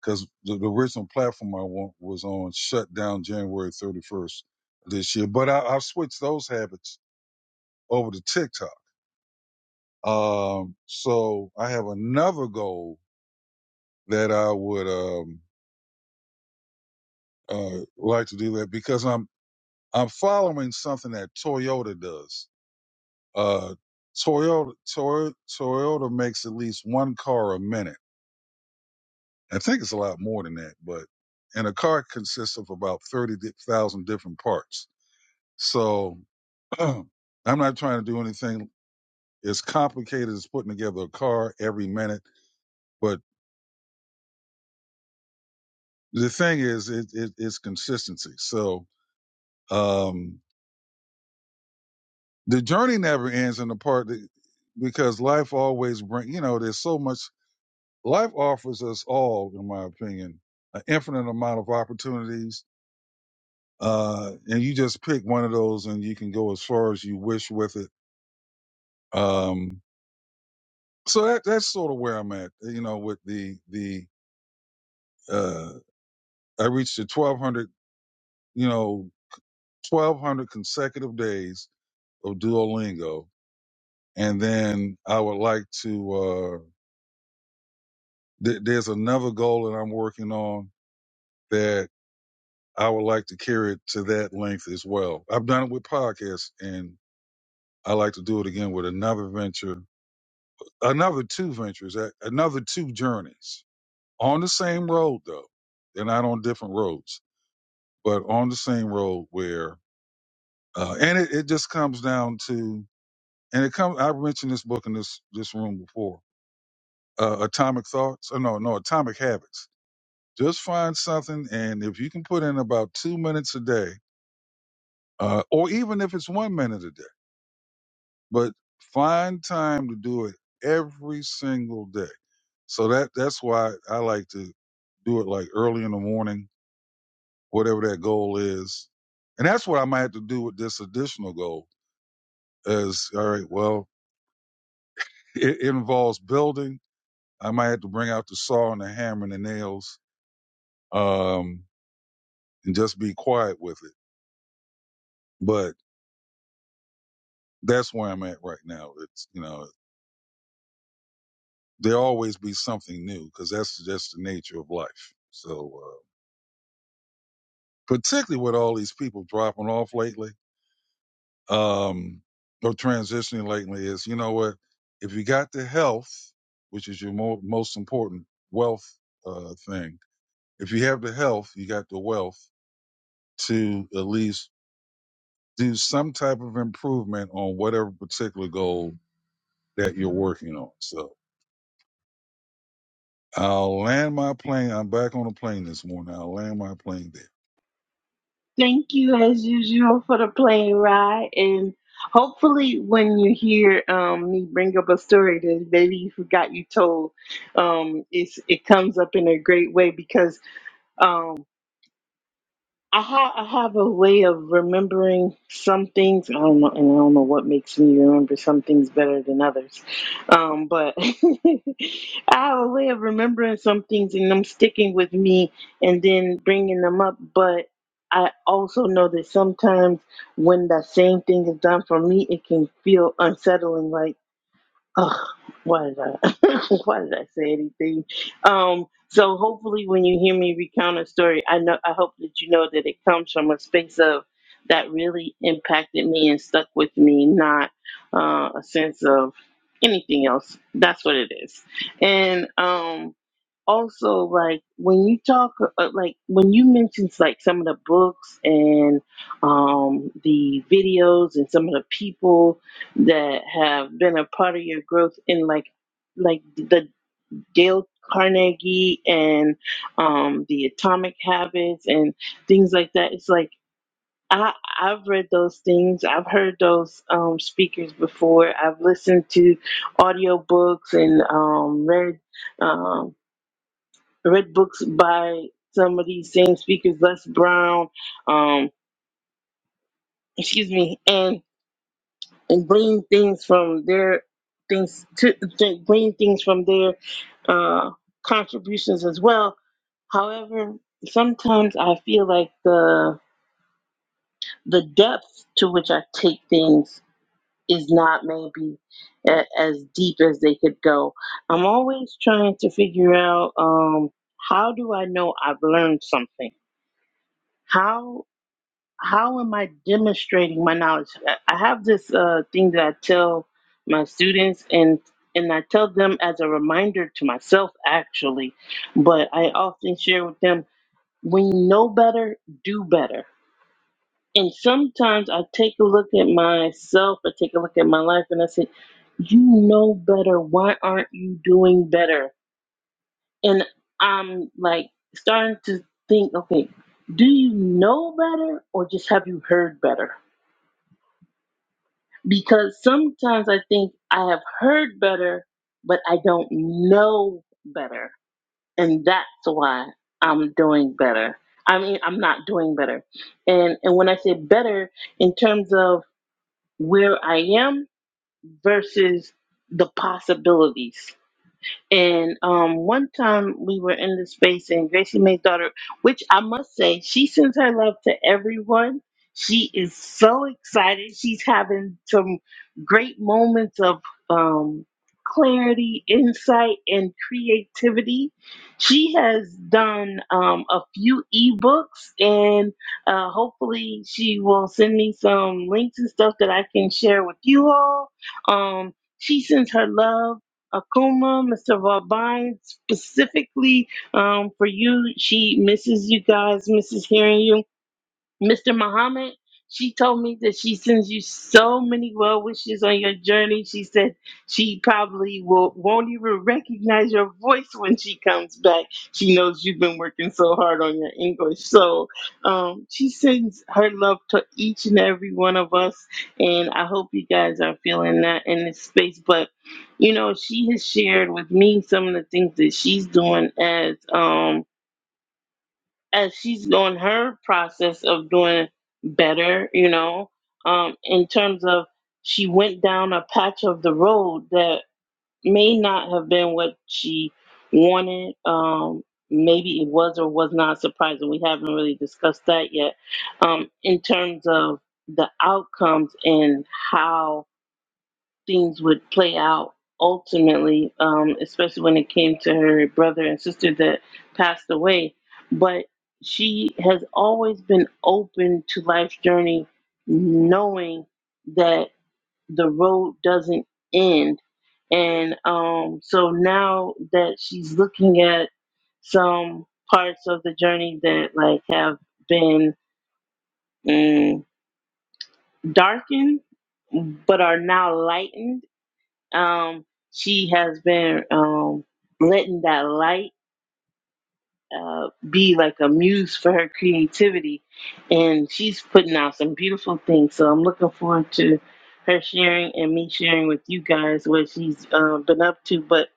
D: because the, the original platform I want was on shut down January 31st this year. But I, I've switched those habits over to TikTok. Um, so I have another goal that I would um, uh, like to do that because I'm I'm following something that Toyota does Uh, Toyota, Toyota, Toyota makes at least one car a minute. I think it's a lot more than that, but and a car consists of about thirty thousand different parts. So I'm not trying to do anything as complicated as putting together a car every minute, but the thing is, it, it, it's consistency. So um, the journey never ends in the part that because life always brings you know there's so much life offers us all, in my opinion, an infinite amount of opportunities. Uh, and you just pick one of those and you can go as far as you wish with it. Um, so that, that's sort of where I'm at, you know, with the, the, uh, I reached the 1200, you know, 1200 consecutive days of Duolingo. And then I would like to, uh, th- there's another goal that I'm working on that I would like to carry it to that length as well. I've done it with podcasts, and I like to do it again with another venture, another two ventures, a- another two journeys on the same road though. They're not on different roads, but on the same road where, uh, and it, it just comes down to, and it comes. I've mentioned this book in this this room before, uh, Atomic Thoughts. Oh no, no, Atomic Habits. Just find something, and if you can put in about two minutes a day, uh, or even if it's one minute a day but find time to do it every single day. So that that's why I like to do it like early in the morning, whatever that goal is, and that's what I might have to do with this additional goal. Is all right. Well, it, it involves building. I might have to bring out the saw and the hammer and the nails, um, and just be quiet with it. But that's where I'm at right now. It's you know there always be something new because that's just the nature of life. So. uh, particularly with all these people dropping off lately, um, or transitioning lately, is you know what? If you got the health, which is your mo- most important wealth uh, thing, if you have the health, you got the wealth to at least do some type of improvement on whatever particular goal that you're working on. So I'll land my plane. I'm back on the plane this morning. I'll land my plane there.
A: Thank you, as usual, for the plane ride, and hopefully, when you hear um, me bring up a story that maybe you forgot you told, um, it's, it comes up in a great way because. Um, I, ha- I have a way of remembering some things. I don't know, and I don't know what makes me remember some things better than others. Um, but I have a way of remembering some things and them sticking with me, and then bringing them up. But I also know that sometimes when that same thing is done for me, it can feel unsettling. like. Ugh, why did I why did I say anything? Um, so hopefully when you hear me recount a story, I know I hope that you know that it comes from a space of that really impacted me and stuck with me, not uh, a sense of anything else. That's what it is. And um also like when you talk uh, uh, like when you mentioned like some of the books and um, the videos and some of the people that have been a part of your growth in like like the dale carnegie and um, the atomic habits and things like that it's like I, I've read those things. I've heard those um, speakers before. I've listened to audiobooks and um, read Um, read books by some of these same speakers, Les Brown, um, excuse me, and and bring things from their things to, to bring things from their uh, contributions as well. However, sometimes I feel like the the depth to which I take things is not maybe a, as deep as they could go. I'm always trying to figure out um, how do I know I've learned something? How how am I demonstrating my knowledge? I I have this uh, thing that I tell my students, and and I tell them as a reminder to myself, actually. But I often share with them: when you know better, do better. And sometimes I take a look at myself, I take a look at my life, and I say, "You know better. Why aren't you doing better?" And I'm like starting to think, okay, do you know better, or just have you heard better? because sometimes I think I have heard better, but I don't know better. And that's why I'm doing better. I mean, I'm not doing better. And and when I say better in terms of where I am versus the possibilities. And um, one time we were in the space, and Gracie May's daughter, which I must say, she sends her love to everyone. She is so excited. She's having some great moments of um, clarity, insight, and creativity. She has done um, a few ebooks, and uh, hopefully, she will send me some links and stuff that I can share with you all. Um, she sends her love Akuma, Mr. Vabine, specifically um, for you. She misses you guys, misses hearing you. Mr. Muhammad, she told me that she sends you so many well wishes on your journey. She said she probably will, won't even recognize your voice when she comes back. She knows you've been working so hard on your English. So um, she sends her love to each and every one of us. And I hope you guys are feeling that in this space. But you know she has shared with me some of the things that she's doing as um as she's on her process of doing better you know um in terms of she went down a patch of the road that may not have been what she wanted um maybe it was or was not surprising we haven't really discussed that yet um in terms of the outcomes and how things would play out ultimately, um, especially when it came to her brother and sister that passed away. But she has always been open to life's journey, knowing that the road doesn't end. And um, so now that she's looking at some parts of the journey that like have been mm, darkened, but are now lightened um, she has been um, letting that light uh, be like a muse for her creativity, and she's putting out some beautiful things. So I'm looking forward to her sharing and me sharing with you guys what she's uh, been up to. But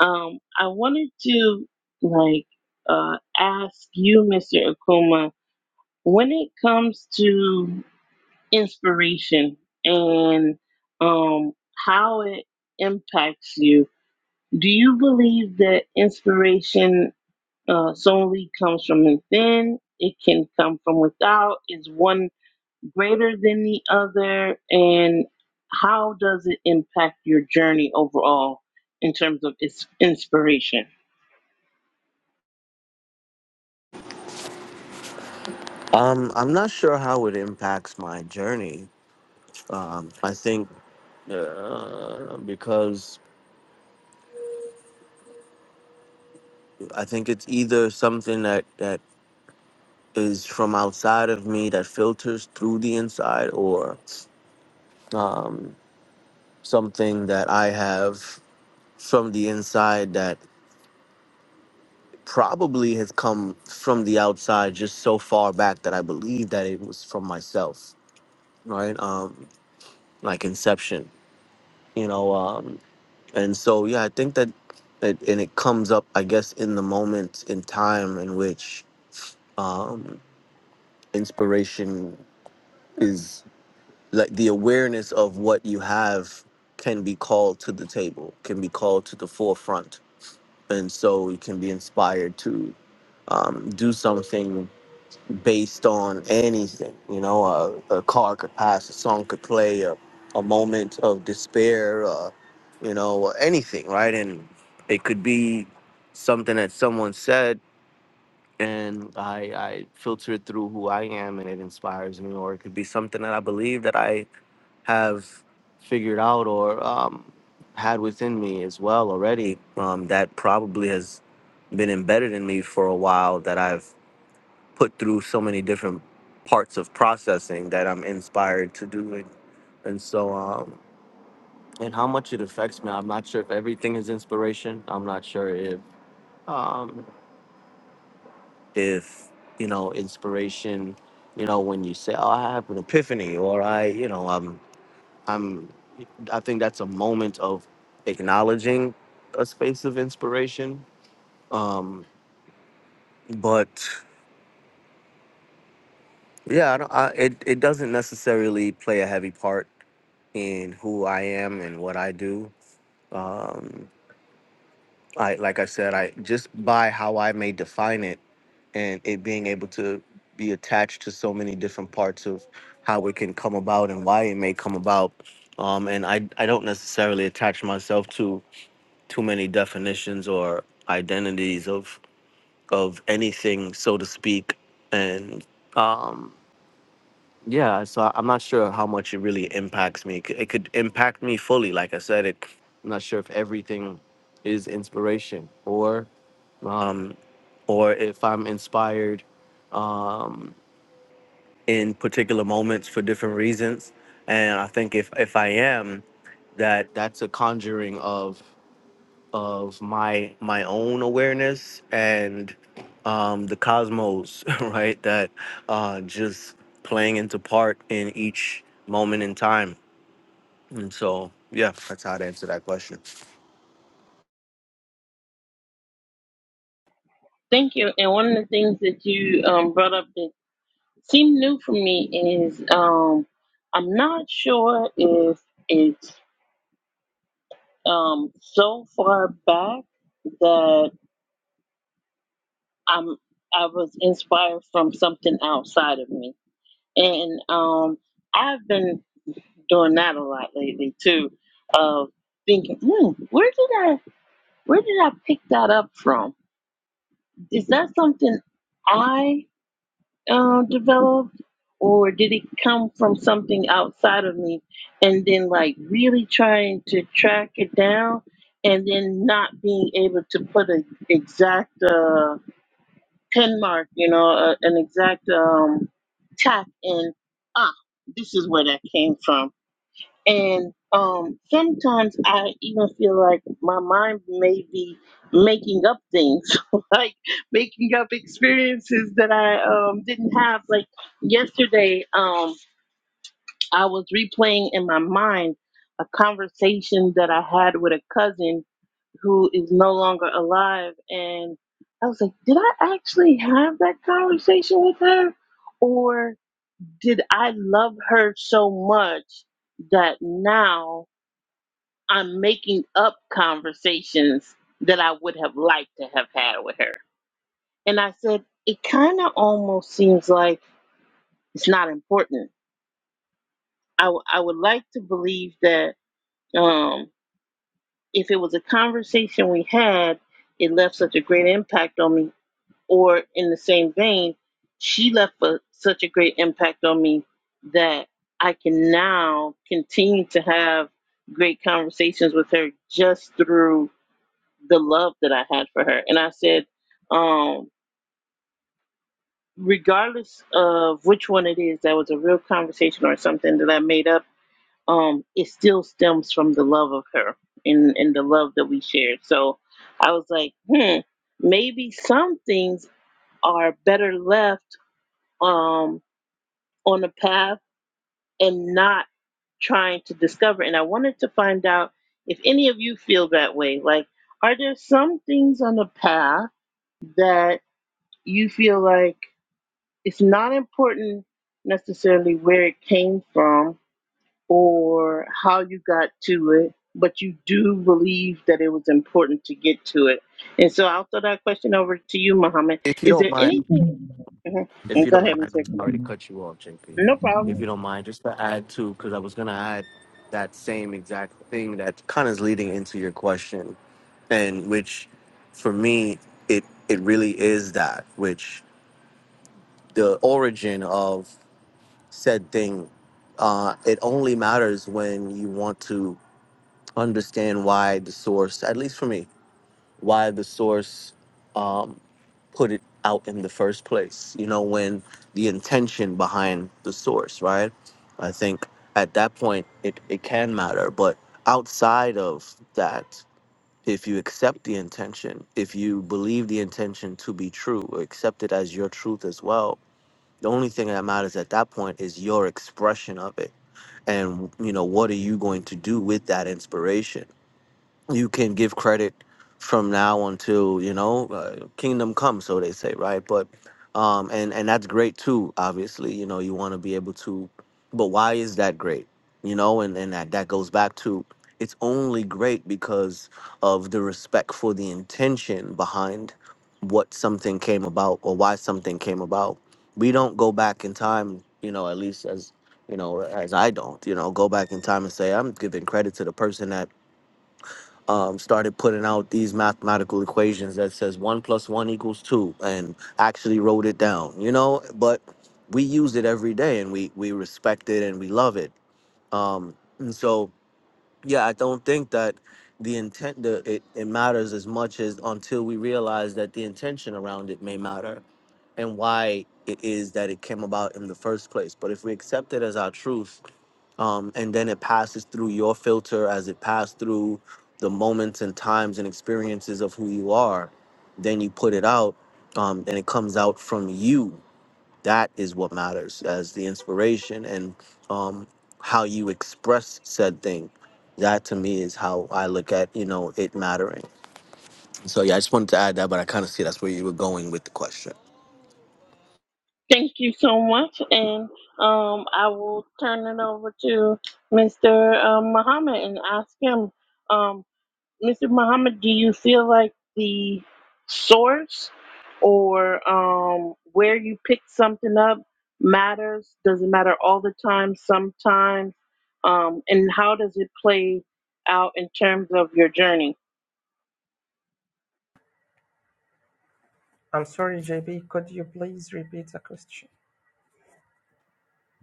A: um, I wanted to like uh, ask you, Mr. Akuma, when it comes to engine and um, how it impacts you Do you believe that inspiration uh, solely comes from within? It can come from without. Is one greater than the other? And how does it impact your journey overall in terms of its inspiration?
C: Um, I'm not sure how it impacts my journey. Um, I think uh, because I think it's either something that that is from outside of me that filters through the inside, or um, something that I have from the inside that probably has come from the outside just so far back that I believe that it was from myself, right? Um, like inception, you know. um, And so, yeah, I think that, that and it comes up, I guess, in the moment in time in which um, inspiration is like the awareness of what you have can be called to the table, can be called to the forefront. And so you can be inspired to um, do something based on anything. You know, a, a car could pass, a song could play, a, a moment of despair, uh, you know, anything, right? And it could be something that someone said, and I, I filter it through who I am, and it inspires me, or it could be something that I believe that I have figured out or um, had within me as well already um, that probably has been embedded in me for a while that I've put through so many different parts of processing that I'm inspired to do it. And so, um, and how much it affects me, I'm not sure if everything is inspiration. I'm not sure if, um, if you know, inspiration. You know, when you say, "Oh, I have an epiphany," or I, you know, I'm, I'm, I think that's a moment of acknowledging a space of inspiration. Um, but yeah, I don't. I, it it doesn't necessarily play a heavy part in who I am and what I do. Um, I like I said, I just by how I may define it, and it being able to be attached to so many different parts of how it can come about and why it may come about. Um, and I I don't necessarily attach myself to too many definitions or identities of of anything, so to speak. And um, Yeah, so I- I'm not sure how much it really impacts me. It could it could impact me fully. Like I said, it, I'm not sure if everything is inspiration or, um, or if I'm inspired um, in particular moments for different reasons. And I think if if I am, that that's a conjuring of of my my own awareness and um, the cosmos, right? That uh, just playing into part in each moment in time. And so, yeah, that's how to answer that question.
A: Thank you. And one of the things that you um, brought up that seemed new for me is um, I'm not sure if it's um, so far back that I'm I was inspired from something outside of me. And um I've been doing that a lot lately too, of thinking, hmm, where did I where did I pick that up from? Is that something I uh, developed or did it come from something outside of me? And then like really trying to track it down and then not being able to put an exact uh pin mark, you know, a, an exact um, tap and Ah, this is where that came from. And um, sometimes I even feel like my mind may be making up things, like making up experiences that I um, didn't have. Like yesterday, um, I was replaying in my mind a conversation that I had with a cousin who is no longer alive. And I was like, did I actually have that conversation with her? Or did I love her so much that now I'm making up conversations that I would have liked to have had with her? And I said, it kind of almost seems like it's not important. I, w- I would like to believe that um, if it was a conversation we had, it left such a great impact on me Or in the same vein, she left a, such a great impact on me that I can now continue to have great conversations with her just through the love that I had for her. And I said, um, regardless of which one it is, that was a real conversation or something that I made up. Um, it still stems from the love of her and, and the love that we shared. So I was like, hmm, maybe some things are better left. Um, on a path and not trying to discover. And I wanted to find out if any of you feel that way. Like, are there some things on the path that you feel like it's not important necessarily where it came from or how you got to it, but you do believe that it was important to get to it? And so I'll throw that question over to you, Muhammad.
C: If you
A: Is
C: don't
A: there
C: mind,
A: anything? Mhm.
C: if
A: And
C: you
A: Go
C: don't
A: ahead,
C: mind,
A: Mr.
C: I already cut you off, JP.
A: No problem.
C: If you don't mind, just to add to, because I was gonna add that same exact thing that kind of is leading into your question, and which, for me, it it really is that which the origin of said thing. Uh, it only matters when you want to understand why the source, at least for me, why the source um, put it out in the first place. You know, when the intention behind the source, right? I think at that point it, it can matter. But outside of that, if you accept the intention, if you believe the intention to be true, or accept it as your truth as well, the only thing that matters at that point is your expression of it and you know what are you going to do with that inspiration you can give credit from now until you know uh, kingdom come so they say right but um and and that's great too obviously you know you want to be able to but why is that great you know and and that that goes back to it's only great because of the respect for the intention behind what something came about or why something came about we don't go back in time you know at least as you know as i don't you know go back in time and say i'm giving credit to the person that um, started putting out these mathematical equations that says one plus one equals two, and actually wrote it down. You know, but we use it every day, and we we respect it and we love it. Um, and so, yeah, I don't think that the intent the it, it matters as much as until we realize that the intention around it may matter and why it is that it came about in the first place. But if we accept it as our truth um, and then it passes through your filter as it passed through the moments and times and experiences of who you are. Then you put it out, um, and it comes out from you. That is what matters as the inspiration and um, how you express said thing. That to me is how I look at you know it mattering. So yeah, I just wanted to add that, but I kind of see that's where you were going with the question.
A: Thank you so much, and um, I will turn it over to Mr. Uh, Muhammad and ask him, um, Mr. Muhammad, do you feel like the source or um, where you pick something up matters? Does it matter all the time, sometimes? Um, and how does it play out in terms of your journey?
B: I'm sorry, JB. Could you please repeat the question?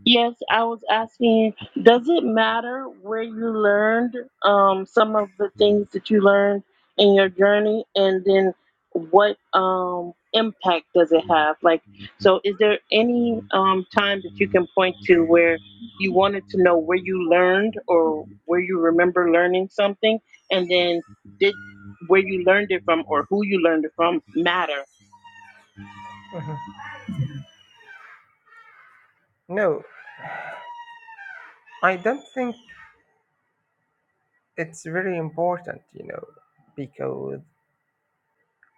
A: Yes, I was asking, does it matter where you learned um, some of the things that you learned in your journey, and then what um, impact does it have? Like, so is there any um, time that you can point to where you wanted to know where you learned or where you remember learning something, and then did where you learned it from or who you learned it from matter?
B: Mhm. No, I don't think it's very important, you know, because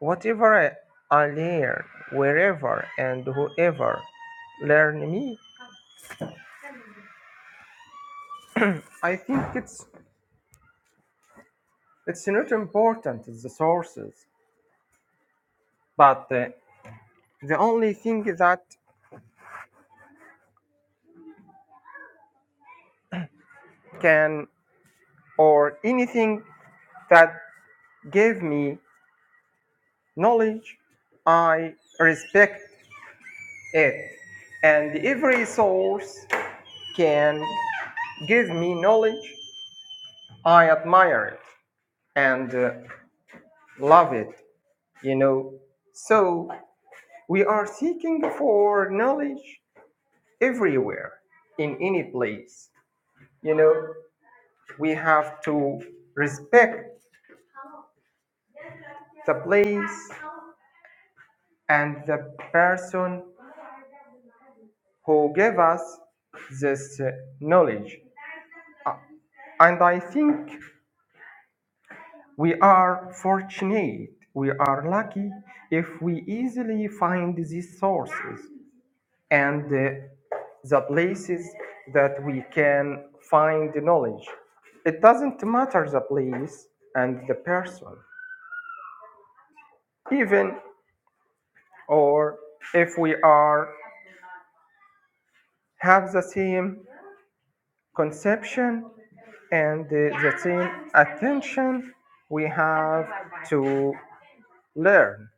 B: whatever I, I learn, wherever and whoever learn me, I think it's it's not important is the sources, but uh, the only thing that can or anything that gave me knowledge, I respect it, and every source can give me knowledge I admire it and uh, love it, you know. So we are seeking for knowledge everywhere, in any place. You know, we have to respect the place and the person who gave us this uh, knowledge. Uh, And I think we are fortunate, we are lucky if we easily find these sources and uh, the places that we can find the knowledge. It doesn't matter the place and the person, even or if we are have the same conception and the, the same attention we have to learn.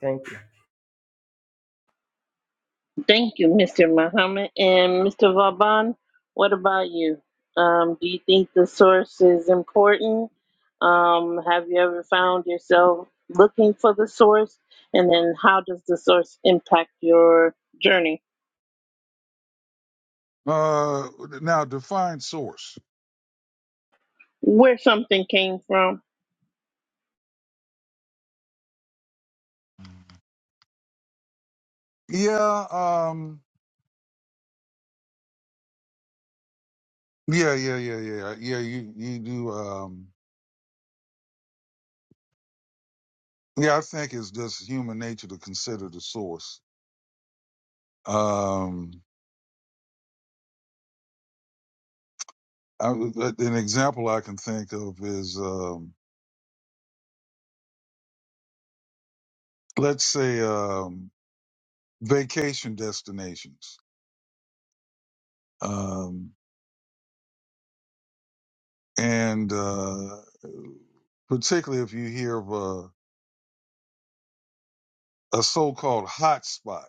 B: Thank you.
A: Thank you, Mr. Muhammad. And Mr. Vaban, what about you? Um, do you think the source is important? Um, have you ever found yourself looking for the source? And then how does the source impact your journey?
D: Uh, now define source.
A: Where something came from?
D: Yeah. Um, Yeah, yeah, yeah, yeah, yeah. yeah, You you do. Um, yeah, I think it's just human nature to consider the source. Um, I, an example I can think of is, um, let's say, um, vacation destinations, um, and uh, particularly if you hear of a, a so-called hot spot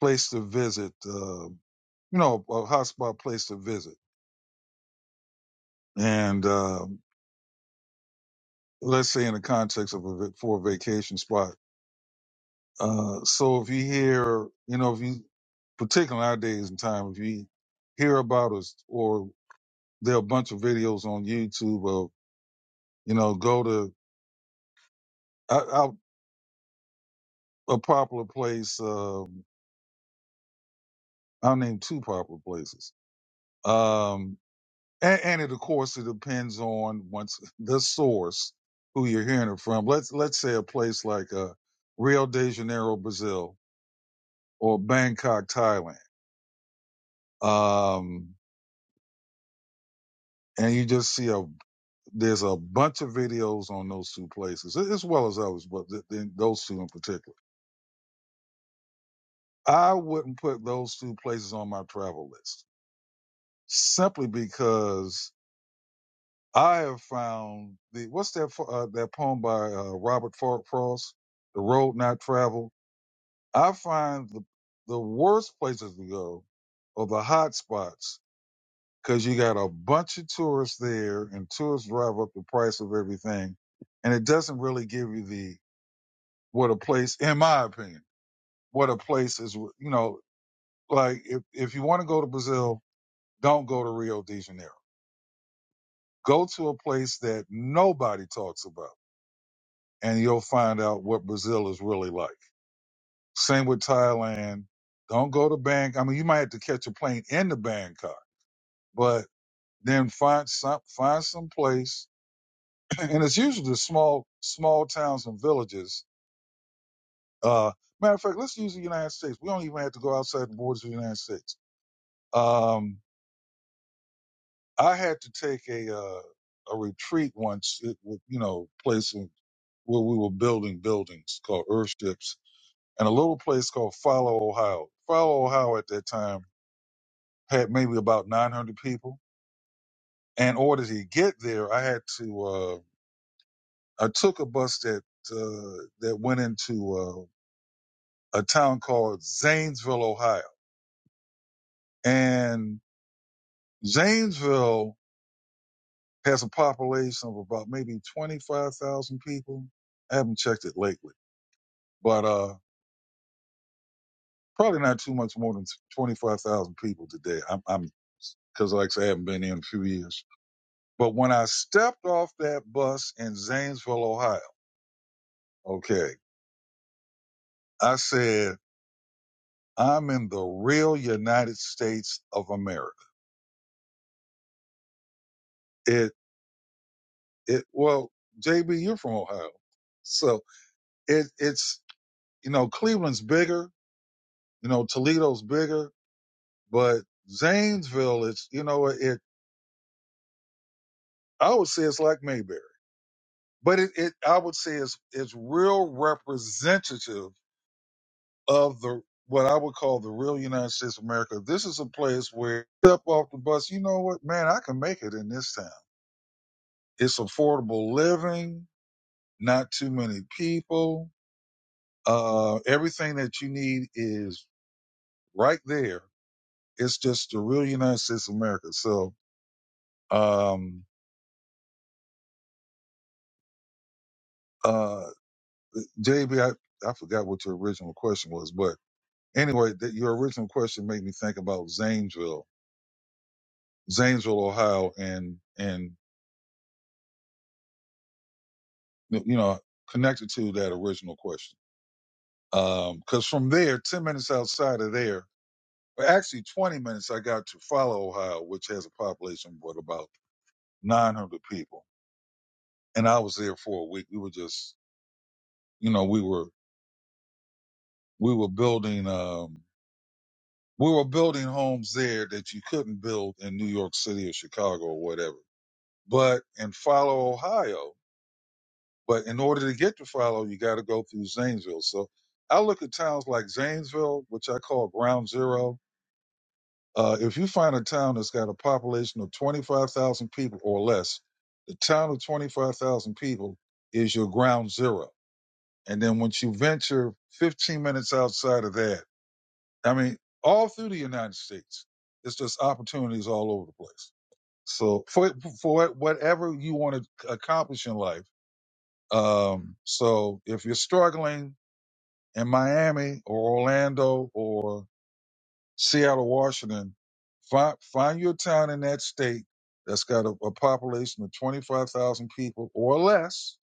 D: place to visit, uh, you know, a hot spot place to visit, and um let's say in the context of a va- for a vacation spot Uh, so if you hear, you know, if you, particularly nowadays in time, if you hear about us or there are a bunch of videos on YouTube of, you know, go to out, out a popular place, um, I'll name two popular places. Um, and, and it, of course, it depends on once the source who you're hearing it from. Let's, let's say a place like, uh, Rio de Janeiro, Brazil or Bangkok, Thailand. Um, and you just see a There's a bunch of videos on those two places, as well as others, but th- th- those two in particular. I wouldn't put those two places on my travel list simply because I have found the what's that uh, that poem by uh, Robert Frost, "The Road Not Traveled." I find the the worst places to go are the hot spots because you got a bunch of tourists there, and tourists drive up the price of everything, and it doesn't really give you the what a place, in my opinion, what a place is, you know, like if, if you want to go to Brazil, don't go to Rio de Janeiro. Go to a place that nobody talks about and you'll find out what Brazil is really like. Same with Thailand. Don't go to Bangkok. I mean, you might have to catch a plane into Bangkok, but then find some, find some place. And it's usually the small, small towns and villages. Uh, matter of fact, let's use the United States. We don't even have to go outside the borders of the United States. Um, I had to take a uh, a retreat once. It was, you know, place in- where we were building buildings called Earthships, and a little place called Follow Ohio. Follow Ohio at that time had maybe about 900 people. And in order to get there, I had to. Uh, I took a bus that uh, that went into uh, a town called Zanesville, Ohio, and Zanesville has a population of about maybe 25,000 people. I haven't checked it lately but uh, probably not too much more than twenty five thousand people today. I'm, I'm because like I say, I haven't been here in a few years. But when I stepped off that bus in Zanesville, Ohio, okay, I said I'm in the real United States of America. It it well, JB, you're from Ohio, so it it's you know Cleveland's bigger, you know Toledo's bigger, but Zanesville, it's you know it. I would say it's like Mayberry. but it, it I would say is is real representative of the what I would call the real United States of America. This is a place where you step off the bus, you know what, man, I can make it in this town. It's affordable living, not too many people. Uh, everything that you need is right there. It's just the real United States of America. So, um, uh, JB, I, I forgot what your original question was, but anyway, that your original question made me think about Zanesville Zanesville, Ohio, and and you know connected to that original question. Because um, from there, ten minutes outside of there, or actually twenty minutes, I got to Follow, Ohio, which has a population of about nine hundred people, and I was there for a week. We were just, you know, we were we were building um, we were building homes there that you couldn't build in New York City or Chicago or whatever. But in Follow, Ohio. But in order to get to Philo, you got to go through Zanesville. So I look at towns like Zanesville, which I call ground zero. Uh, if you find a town that's got a population of 25,000 people or less, the town of 25,000 people is your ground zero. And then once you venture 15 minutes outside of that, I mean, all through the United States, it's just opportunities all over the place. So for, for whatever you want to accomplish in life, um, so if you're struggling, in Miami or Orlando or Seattle, Washington, find find you a town in that state that's got a, a population of twenty five thousand people or less.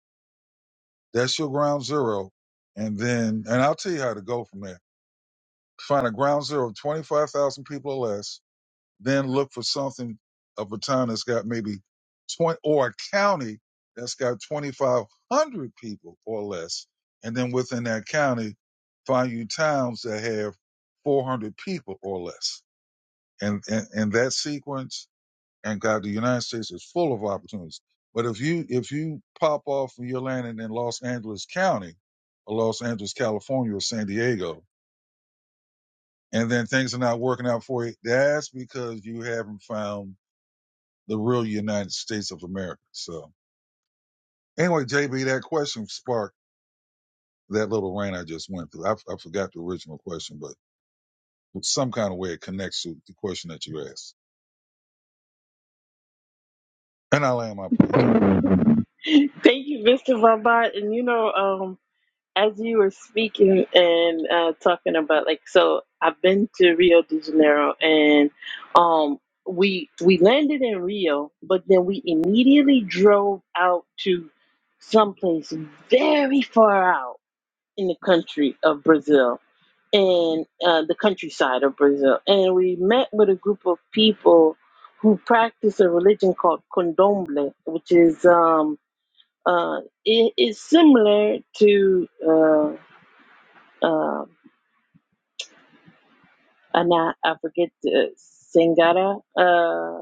D: That's your ground zero, and then and I'll tell you how to go from there. Find a ground zero of twenty five thousand people or less, then look for something of a town that's got maybe 20 or a county that's got 2,500 people or less. And then within that county, find you towns that have 400 people or less. And, and, and that sequence, and God, the United States is full of opportunities. But if you, if you pop off and you're landing in Los Angeles County or Los Angeles, California or San Diego, and then things are not working out for you, that's because you haven't found the real United States of America. So anyway, JB, that question sparked that little rant I just went through. I, I forgot the original question, but some kind of way it connects to the question that you asked. And I land my plane
A: Thank you, Mr. Vaban. And you know, um, as you were speaking and uh, talking about like so i've been to rio de janeiro and um we we landed in rio but then we immediately drove out to someplace very far out in the country of brazil and uh, the countryside of brazil and we met with a group of people who practice a religion called condomble which is um uh it is similar to uh, um, and I, I forget the Sangata uh,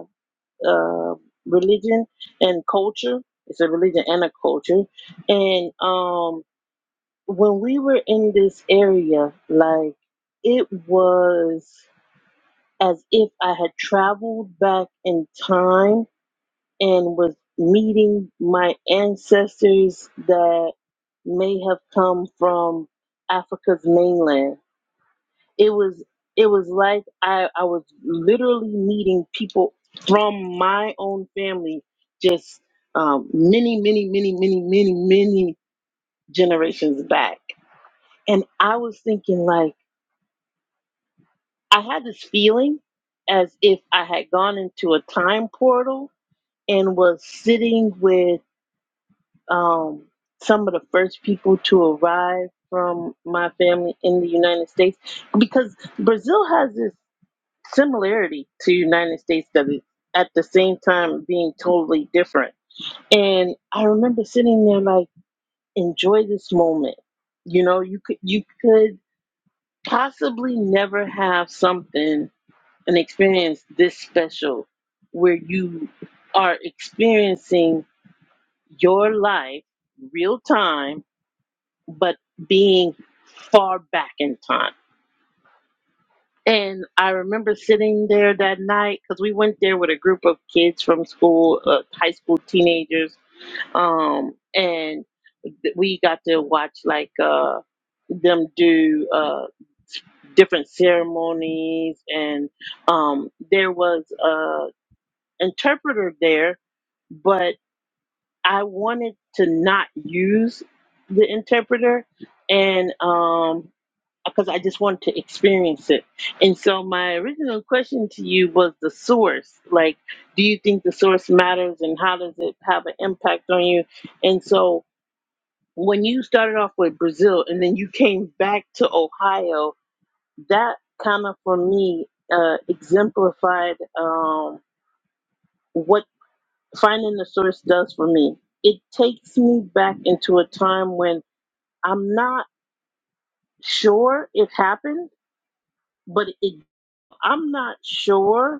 A: uh, religion and culture. It's a religion and a culture. And um, when we were in this area, like it was as if I had traveled back in time and was meeting my ancestors that may have come from Africa's mainland it was it was like I, I was literally meeting people from my own family just um, many many many many many many generations back and i was thinking like i had this feeling as if i had gone into a time portal and was sitting with um, some of the first people to arrive from my family in the united states because brazil has this similarity to United States that is at the same time being totally different. And I remember sitting there like, enjoy this moment. You know, you could you could possibly never have something, an experience this special where you are experiencing your life real time, but being far back in time And I remember sitting there that night because we went there with a group of kids from school, uh, high school teenagers, um, and th- we got to watch like uh, them do uh, different ceremonies, and um, there was a interpreter there, but I wanted to not use the interpreter, and um, because I just wanted to experience it. And so my original question to you was the source. Like, do you think the source matters and how does it have an impact on you? And so when you started off with Brazil and then you came back to Ohio, that kind of for me uh, exemplified um, what finding the source does for me. It takes me back into a time when I'm not sure it happened, but it I'm not sure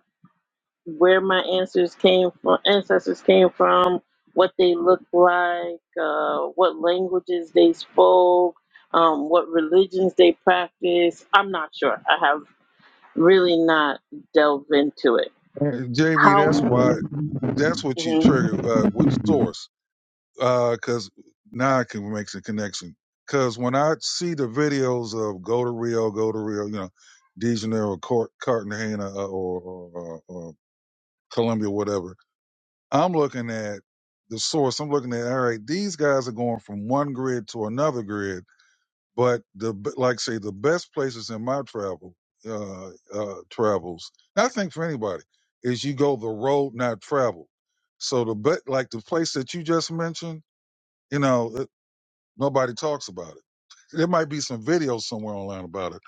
A: where my ancestors came from, ancestors came from, what they looked like, uh, what languages they spoke, um, what religions they practiced. I'm not sure. I have really not delved into it.
D: there. And JB, that's
A: However,
D: why that's what you
A: mhm.
D: triggered uh, with source because now I can make some connection. Because when I see the videos of go to Rio, go to Rio, you know, De Janeiro, Cart- Cartagena, uh, or, or, or, or Colombia, whatever I'm looking at the source. I'm looking at all right. These guys are going from one grid to another grid, but the b- like say the best places in my travel uh, uh, travels. and I think for anybody is you go the road not traveled. So the but like the place that you just mentioned, you know, it, nobody talks about it. There might be some videos somewhere online about it,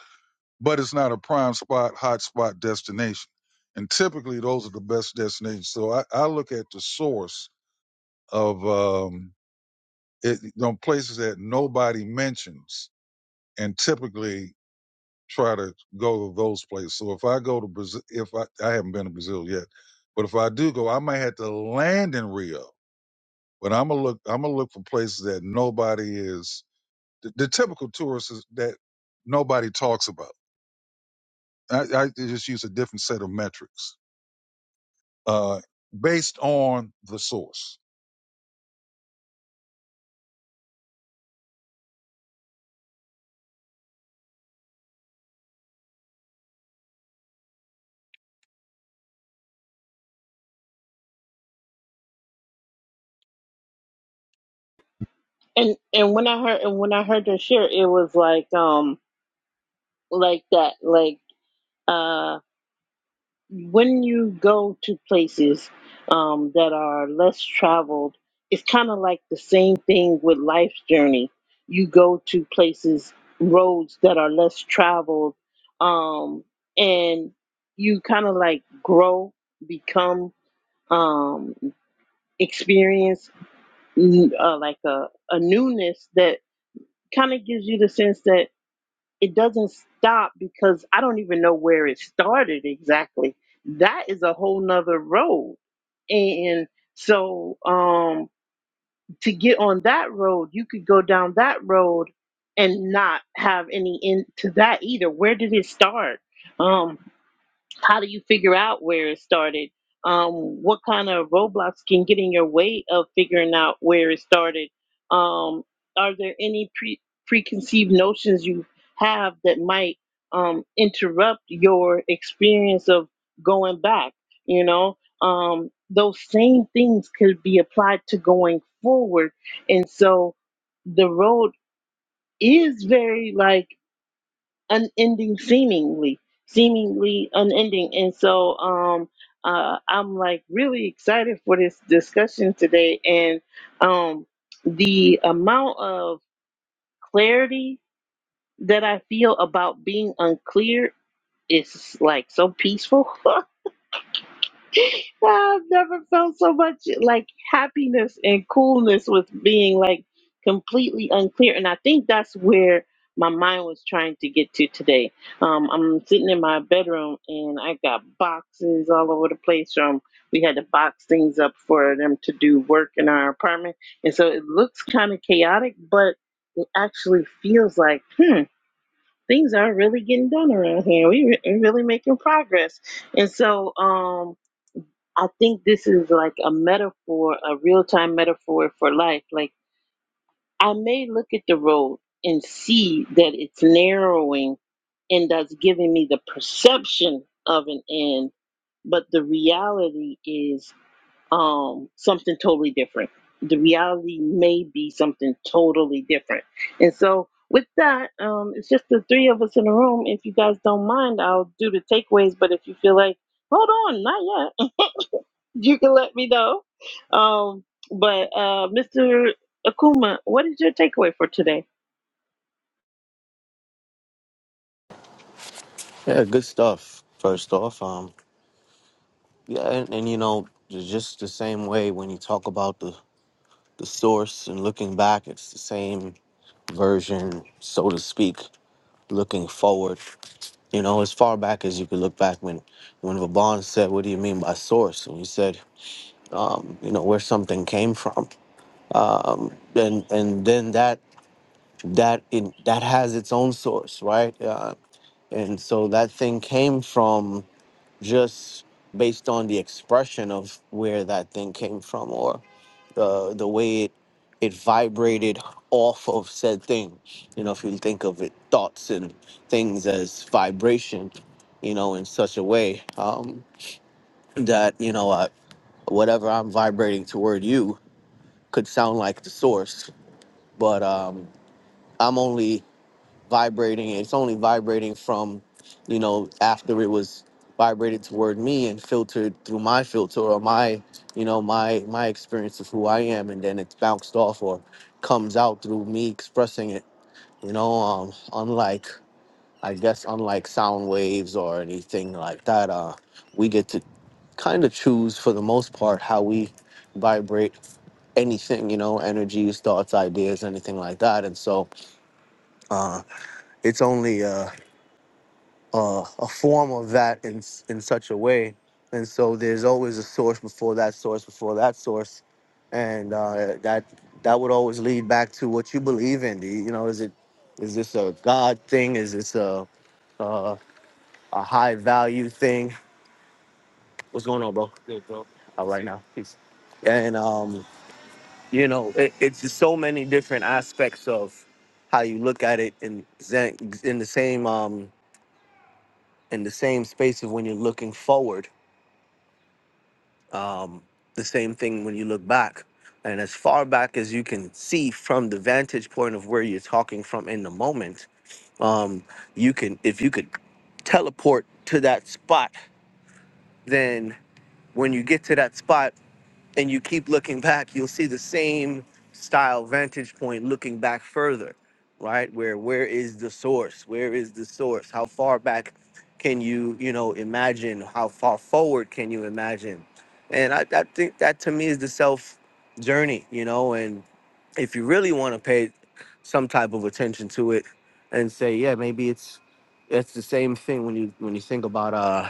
D: but it's not a prime spot, hot spot destination. And typically, those are the best destinations. So I, I look at the source of um, it, you know, places that nobody mentions, and typically try to go to those places. So if I go to Brazil, if I, I haven't been to Brazil yet, but if I do go, I might have to land in Rio. But I'm gonna look. I'm gonna look for places that nobody is. The, the typical tourists is that nobody talks about. I, I just use a different set of metrics uh, based on the source.
A: and and when I heard and when I heard her share, it was like um like that like uh, when you go to places um, that are less traveled, it's kind of like the same thing with life's journey. You go to places, roads that are less traveled, um, and you kind of like grow, become, um, experience n- uh, like a, a newness that kind of gives you the sense that it doesn't stop because I don't even know where it started exactly that is a whole nother road and so um, to get on that road, you could go down that road and not have any end to that either. Where did it start? Um, how do you figure out where it started? Um, what kind of roadblocks can get in your way of figuring out where it started? Um, are there any pre- preconceived notions you have that might um, interrupt your experience of going back? You know, um, those same things could be applied to going forward. And so the road is very like unending seemingly seemingly unending and so um uh i'm like really excited for this discussion today and um the amount of clarity that i feel about being unclear is like so peaceful I've never felt so much like happiness and coolness with being like completely unclear. And I think that's where my mind was trying to get to today. Um, I'm sitting in my bedroom and I got boxes all over the place from we had to box things up for them to do work in our apartment. And so it looks kind of chaotic, but it actually feels like, hmm, things are really getting done around here. We, re- we really making progress. And so, um, I think this is like a metaphor, a real time metaphor for life. Like, I may look at the road and see that it's narrowing and that's giving me the perception of an end, but the reality is um, something totally different. The reality may be something totally different. And so, with that, um, it's just the three of us in the room. If you guys don't mind, I'll do the takeaways, but if you feel like, hold on, not yet, you can let me know. Um, but uh, Mr. Akuma, what is your takeaway for today?
C: Yeah, good stuff. First off, um, yeah, and, and you know, j- just the same way when you talk about the the source and looking back, it's the same version, so to speak, looking forward. You know, as far back as you could look back when, when Vaban said, What do you mean by source? And he said, um, you know, where something came from. Um, and and then that that in, that has its own source, right? Uh, and so that thing came from just based on the expression of where that thing came from or. the the way it it vibrated off of said thing. You know, if you think of it, thoughts and things as vibration, you know, in such a way um, that you know uh, whatever I'm vibrating toward you could sound like the source, but um, I'm only vibrating. It's only vibrating from, you know, after it was vibrated toward me and filtered through my filter or my, you know, my my experience of who I am, and then it's bounced off or comes out through me expressing it. You know, um, unlike I guess unlike sound waves or anything like that, uh, we get to kind of choose for the most part how we vibrate anything you know energies thoughts ideas anything like that and so uh it's only uh uh, a form of that in s- in such a way. And so there's always a source before that source before that source, and uh, that that would always lead back to what you believe in. Do You you know, is it is this a God thing? Is this a uh, a high value thing? What's going on, bro? Good, bro. All right now, peace. And um, you know, it, it's just so many different aspects of how you look at it in Zen, in the same um in the same space of when you're looking forward Um, the same thing when you look back, and as far back as you can see from the vantage point of where you're talking from in the moment, um, you can if you could teleport to that spot, then when you get to that spot and you keep looking back, you'll see the same style vantage point looking back further, right? Where where is the source? Where is the source? How far back can you, you know, imagine? How far forward can you imagine? And I, I think that to me is the self journey, you know, and if you really want to pay some type of attention to it and say, yeah, maybe it's it's the same thing when you when you think about uh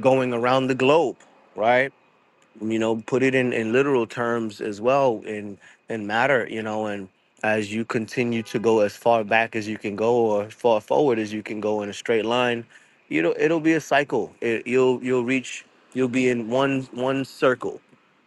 C: going around the globe, right? you know put it in in literal terms as well in in matter you know and as you continue to go as far back as you can go or as far forward as you can go in a straight line you know it'll be a cycle it, you'll you'll reach you'll be in one one circle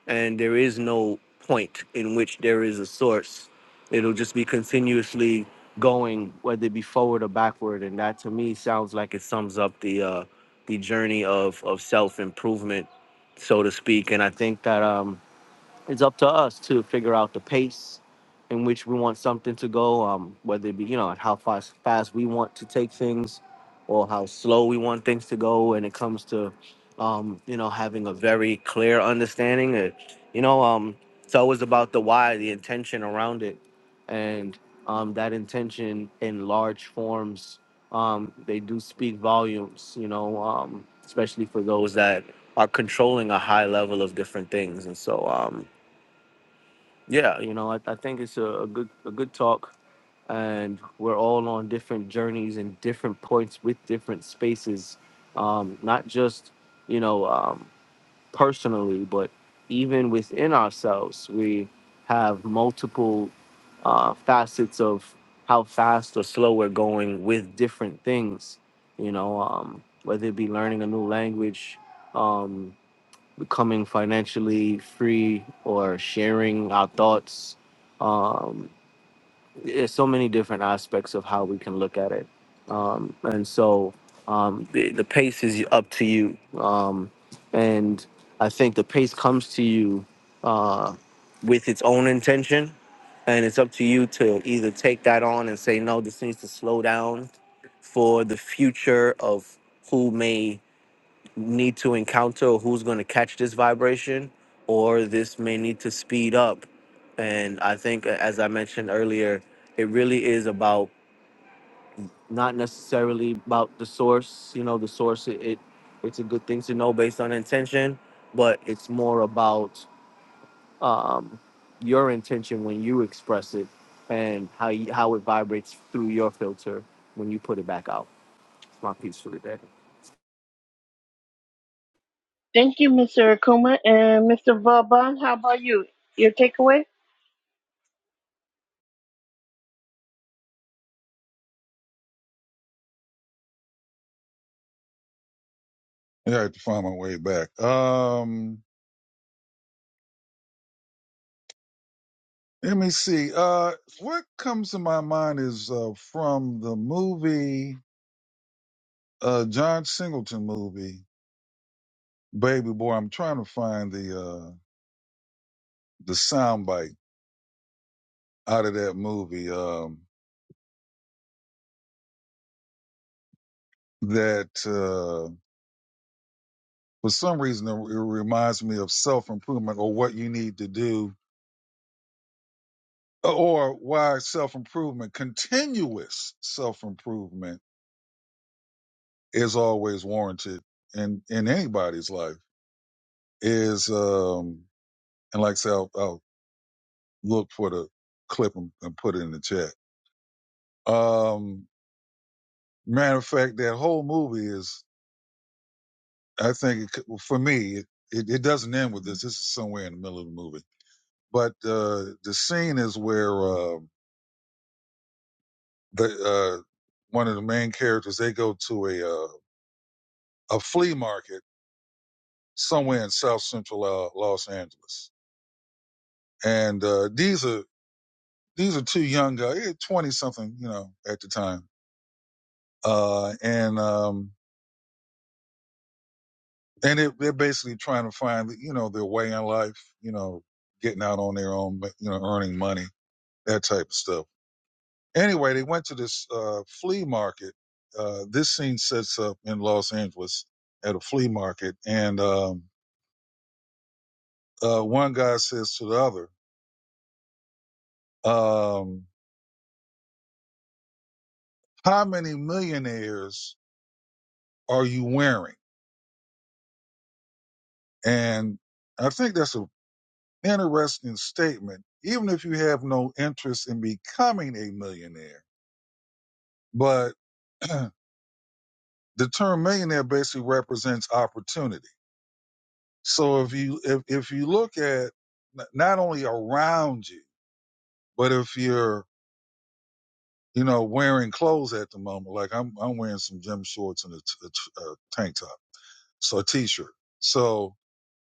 C: and there is no point in which there is a source it'll just be continuously going whether it be forward or backward and that to me sounds like it sums up the uh the journey of of self improvement so to speak. And I think that um, it's up to us to figure out the pace in which we want something to go, um, whether it be, you know, and how fast, fast we want to take things or how slow we want things to go when it comes to, um, you know, having a very clear understanding. It, you know, um, it's always about the why, the intention around it. And um, that intention in large forms, um, they do speak volumes, you know, um, especially for those that are controlling a high level of different things. And so, um, yeah, you know, I, I think it's a, a good a good talk, and we're all on different journeys and different points with different spaces, um, not just you know um, personally, but even within ourselves, we have multiple uh, facets of how fast or slow we're going with different things. You know, um, whether it be learning a new language, um, becoming financially free or sharing our thoughts. Um, there's so many different aspects of how we can look at it. Um, and so um, the, the pace is up to you. Um, and I think the pace comes to you uh, with its own intention. And it's up to you to either take that on and say, no, this needs to slow down for the future of who may need to encounter who's going to catch this vibration or this may need to speed up and i think a- as i mentioned earlier it really is about not necessarily about the source you know the source it, it it's a good thing to know based on intention but it's more about your intention when you express it and how you, how it vibrates through your filter when you put it back out it's my piece for the day
A: Thank you, Mr. Akuma and Mr. Vaba. How about you? Your takeaway?
D: Yeah, I have to find my way back. Um, Let me see. Uh, what comes to my mind is uh, from the movie, uh, John Singleton movie, Baby Boy. I'm trying to find the uh, the soundbite out of that movie. Um, that uh, for some reason it, it reminds me of self improvement or what you need to do uh, or why self improvement, continuous self improvement, is always warranted in in anybody's life. Is um, and like I said, I'll, I'll look for the clip and, and put it in the chat. Um, matter of fact, that whole movie is, I think, it, for me, it, it, it doesn't end with this. This is somewhere in the middle of the movie. But uh, the scene is where uh, the uh, one of the main characters they go to a uh, a flea market somewhere in South Central uh, Los Angeles, and uh, these are these are two young guys, twenty something, you know, at the time, uh, and um, and it, they're basically trying to find you know their way in life you know getting out on their own you know earning money that type of stuff anyway they went to this uh, flea market uh, this scene sets up in los angeles at a flea market and um, uh, one guy says to the other um, how many millionaires are you wearing and i think that's an interesting statement even if you have no interest in becoming a millionaire but the term millionaire basically represents opportunity. So if you if if you look at not only around you, but if you're you know wearing clothes at the moment, like I'm I'm wearing some gym shorts and a, t- a t- a tank top, so a t-shirt. So,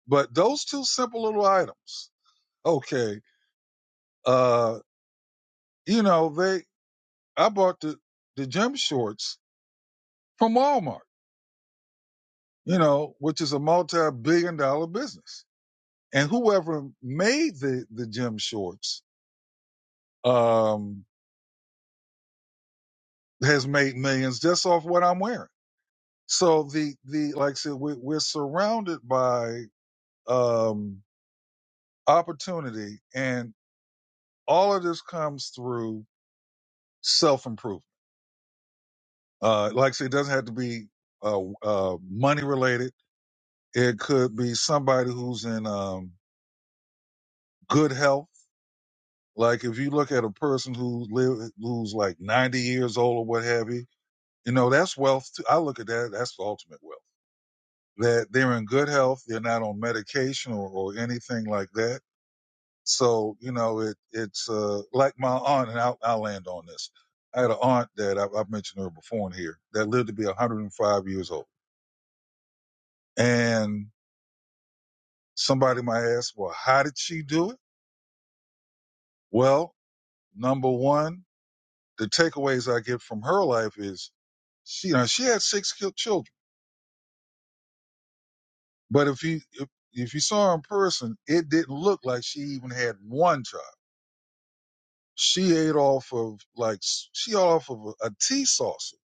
D: but those two simple little items, okay, uh, you know they I bought the the gym shorts from Walmart, you know, which is a multi-billion dollar business And whoever made the, the gym shorts, um, has made millions just off what I'm wearing. So the, the, like I said, we, we're surrounded by, um, opportunity and all of this comes through self improvement. Uh, like I said, it doesn't have to be, uh, uh, money related. It could be somebody who's in, um, good health. Like if you look at a person who live, who's like 90 years old or what have you, You know, that's wealth. Too. I look at that. That's the ultimate wealth. That they're in good health. They're not on medication or, or anything like that. So, you know, it, it's, uh, like my aunt and I'll, I'll land on this. I had an aunt that I, I've mentioned her before in here that lived to be 105 years old. And somebody might ask, well, how did she do it? Well, number one, the takeaways I get from her life is she, you know, she had six children. But if you if, if you saw her in person, it didn't look like she even had one child. She ate off of like she ate off of a, a tea saucer.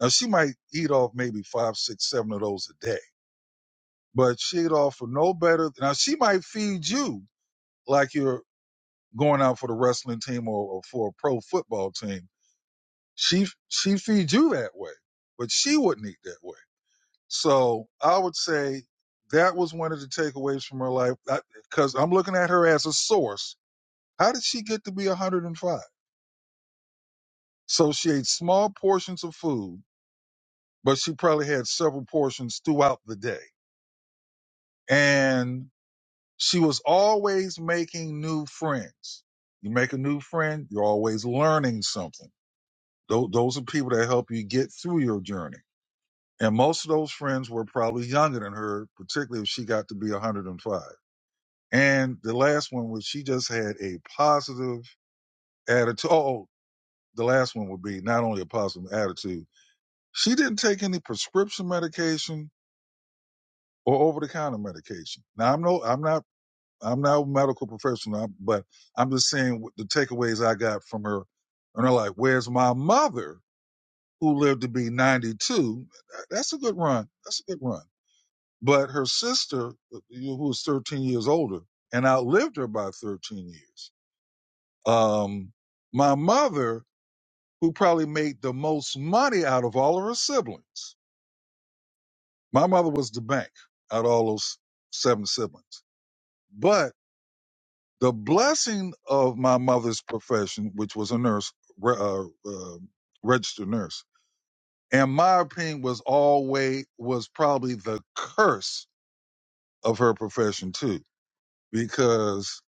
D: Now she might eat off maybe five, six, seven of those a day, but she ate off of no better. Now she might feed you like you're going out for the wrestling team or, or for a pro football team. She she feeds you that way, but she wouldn't eat that way. So I would say that was one of the takeaways from her life because I'm looking at her as a source. How did she get to be 105? So she ate small portions of food, but she probably had several portions throughout the day. And she was always making new friends. You make a new friend, you're always learning something. Tho- Those are people that help you get through your journey. And most of those friends were probably younger than her, particularly if she got to be 105. And the last one was she just had a positive attitude. Oh, oh, the last one would be not only a positive attitude. She didn't take any prescription medication or over the counter medication. Now I'm no, I'm not, I'm not a medical professional, but I'm just saying what the takeaways I got from her. And they're like, where's my mother who lived to be 92? That's a good run. That's a good run. But her sister, who was 13 years older and outlived her by 13 years Um, my mother, who probably made the most money out of all of her siblings, my mother was the bank out of all those seven siblings. But the blessing of my mother's profession, which was a nurse, re- uh, uh, registered nurse, and my opinion was always was probably the curse of her profession too, because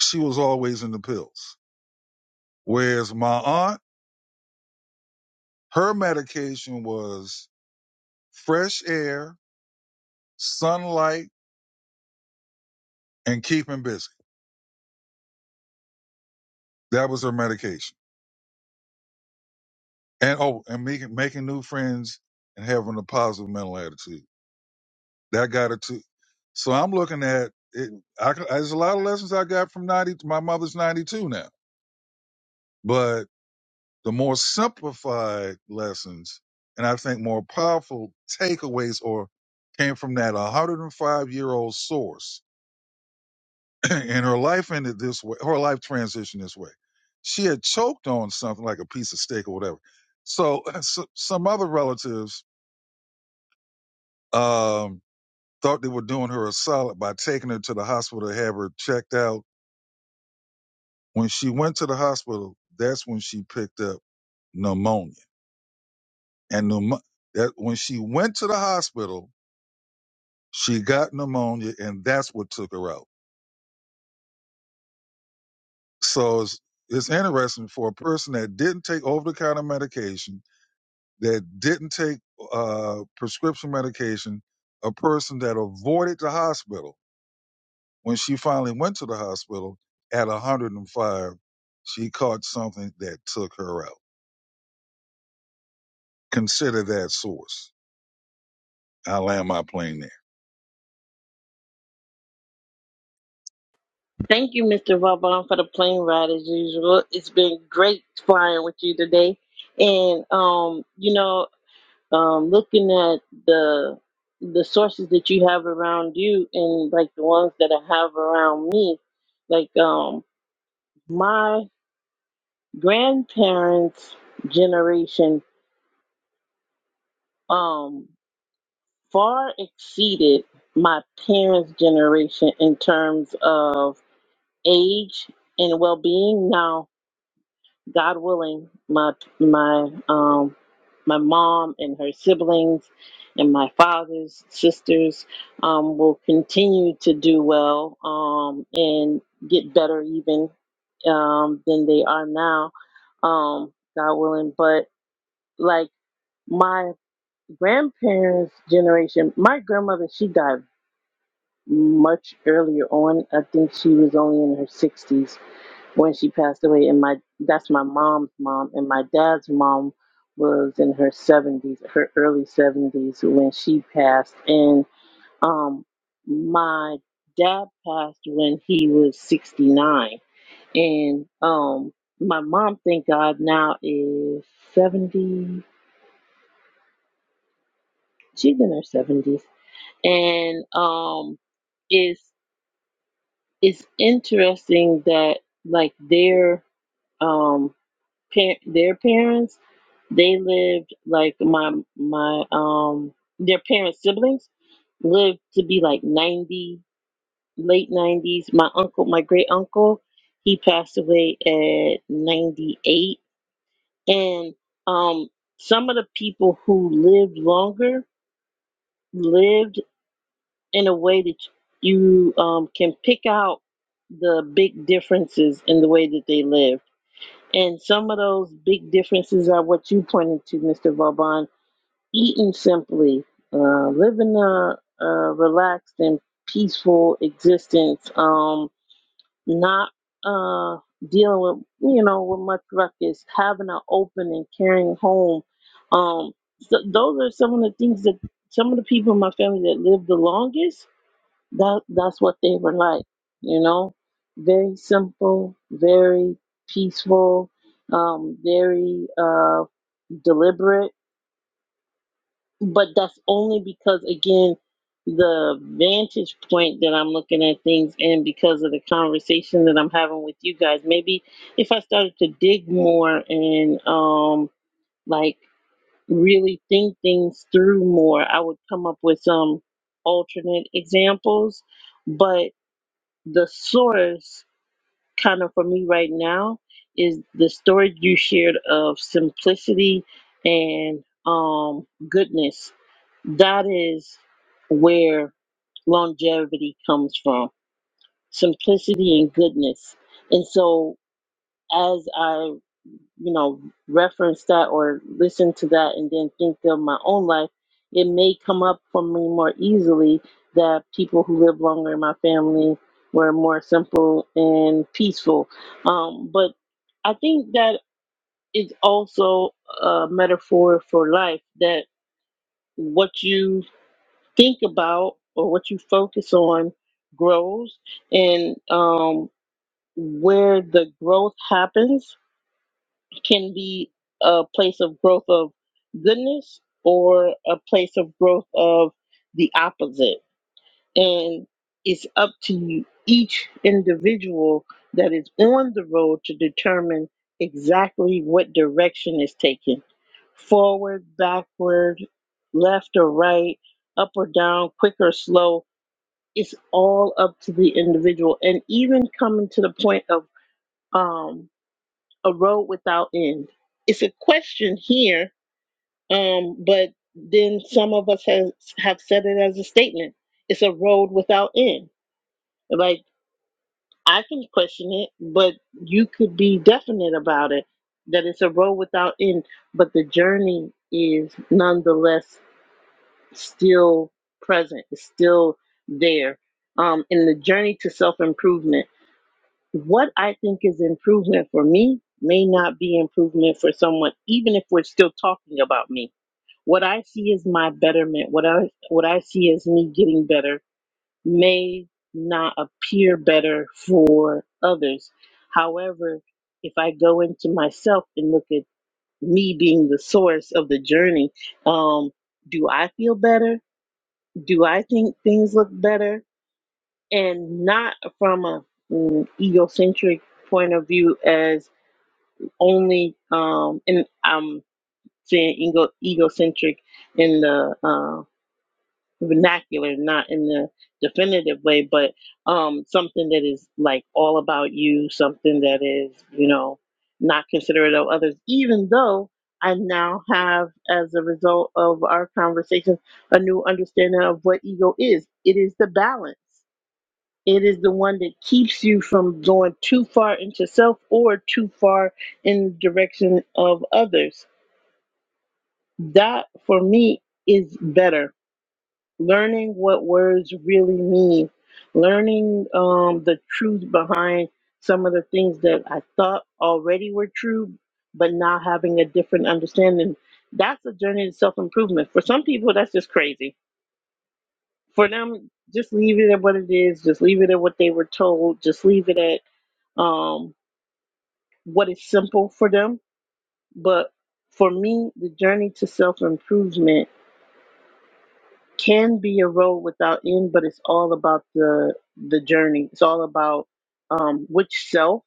D: she was always in the pills. Whereas my aunt, her medication was fresh air, sunlight and keeping busy. That was her medication. And oh, and making making new friends and having a positive mental attitude. That got her to. So I'm looking at it. I, c- there's a lot of lessons I got from 90. My mother's 92 now, but the more simplified lessons and I think more powerful takeaways or came from that 105 year old source and her life ended this way. Her life transitioned this way. She had choked on something like a piece of steak or whatever. So, so some other relatives um, thought they were doing her a solid by taking her to the hospital to have her checked out. When she went to the hospital, that's when she picked up pneumonia. And pneumo- that when she went to the hospital, she got pneumonia, and that's what took her out. So it's, it's interesting for a person that didn't take over the counter medication that didn't take uh, prescription medication, a person that avoided the hospital. When she finally went to the hospital at 105, she caught something that took her out. Consider that source. I land my plane there.
A: Thank you, Mr. Vauban, for the plane ride as usual. It's been great flying with you today, and um, you know, um, looking at the the sources that you have around you, and like the ones that I have around me, like um, my grandparents' generation. Um, far exceeded my parents' generation in terms of age and well-being. Now, God willing, my my um my mom and her siblings and my father's sisters um, will continue to do well um, and get better even um, than they are now, um, God willing. But like my grandparents' generation, my grandmother, she died much earlier on. I think she was only in her 60s when she passed away, and my that's my mom's mom, and my dad's mom was in her 70s, her early 70s when she passed, and um, my dad passed when he was 69, and um, my mom, thank God, now is 70. She's in her 70s, and um, is it's interesting that like their um par- their parents they lived like my my um their parents siblings lived to be like 90 late 90s my uncle my great uncle he passed away at 98 and um some of the people who lived longer lived in a way that you um can pick out the big differences in the way that they live And some of those big differences are what you pointed to, Mr. Vauban. Eating simply, uh, living a, a relaxed and peaceful existence, um, not uh, dealing with you know with much ruckus, having an open and caring home. Um, so those are some of the things that some of the people in my family that live the longest that that's what they were like, you know. Very simple, very peaceful, um, very uh, deliberate. But that's only because again, the vantage point that I'm looking at things in because of the conversation that I'm having with you guys. Maybe if I started to dig more and um like really think things through more, I would come up with some alternate examples. But the source kind of for me right now is the story you shared of simplicity and um goodness that is where longevity comes from simplicity and goodness and so as i you know, reference that or listen to that and then think of my own life, it may come up for me more easily that people who live longer in my family were more simple and peaceful. Um, but I think that is also a metaphor for life that what you think about or what you focus on grows and um, where the growth happens can be a place of growth of goodness or a place of growth of the opposite. And it's up to you, each individual that is on the road to determine exactly what direction is taken forward, backward, left or right, up or down, quick or slow. It's all up to the individual. And even coming to the point of, um, a road without end. It's a question here, um, but then some of us has, have said it as a statement. It's a road without end. Like I can question it, but you could be definite about it that it's a road without end, but the journey is nonetheless still present, it's still there. Um, in the journey to self improvement. what I think is improvement for me may not be improvement for someone, even if we're still talking about me. What I see as my betterment, what I what I see as me getting better may not appear better for others. However, if I go into myself and look at me being the source of the journey, um, do I feel better? Do I think things look better? And not from a mm, egocentric point of view as only um and I'm saying ego egocentric in the uh, vernacular, not in the definitive way, but um something that is like all about you, something that is, you know, not considerate of others, even though I now have, as a result of our conversation, a new understanding of what ego is. It is the balance it is the one that keeps you from going too far into self or too far in the direction of others. That for me is better. Learning what words really mean, learning um, the truth behind some of the things that I thought already were true, but now having a different understanding. That's a journey to self improvement. For some people, that's just crazy. For them, just leave it at what it is, just leave it at what they were told, just leave it at um what is simple for them. But for me, the journey to self improvement can be a road without end, but it's all about the the journey. It's all about um, which self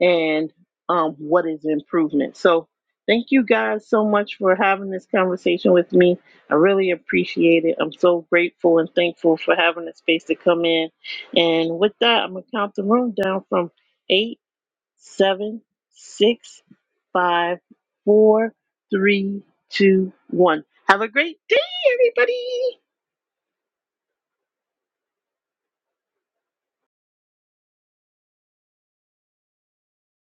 A: and um, what is improvement. So thank you guys so much for having this conversation with me. I really appreciate it. I'm so grateful and thankful for having the space to come in. And with that, I'm gonna count the room down from eight, seven, six five, four, three, two, one. Have a great day, everybody.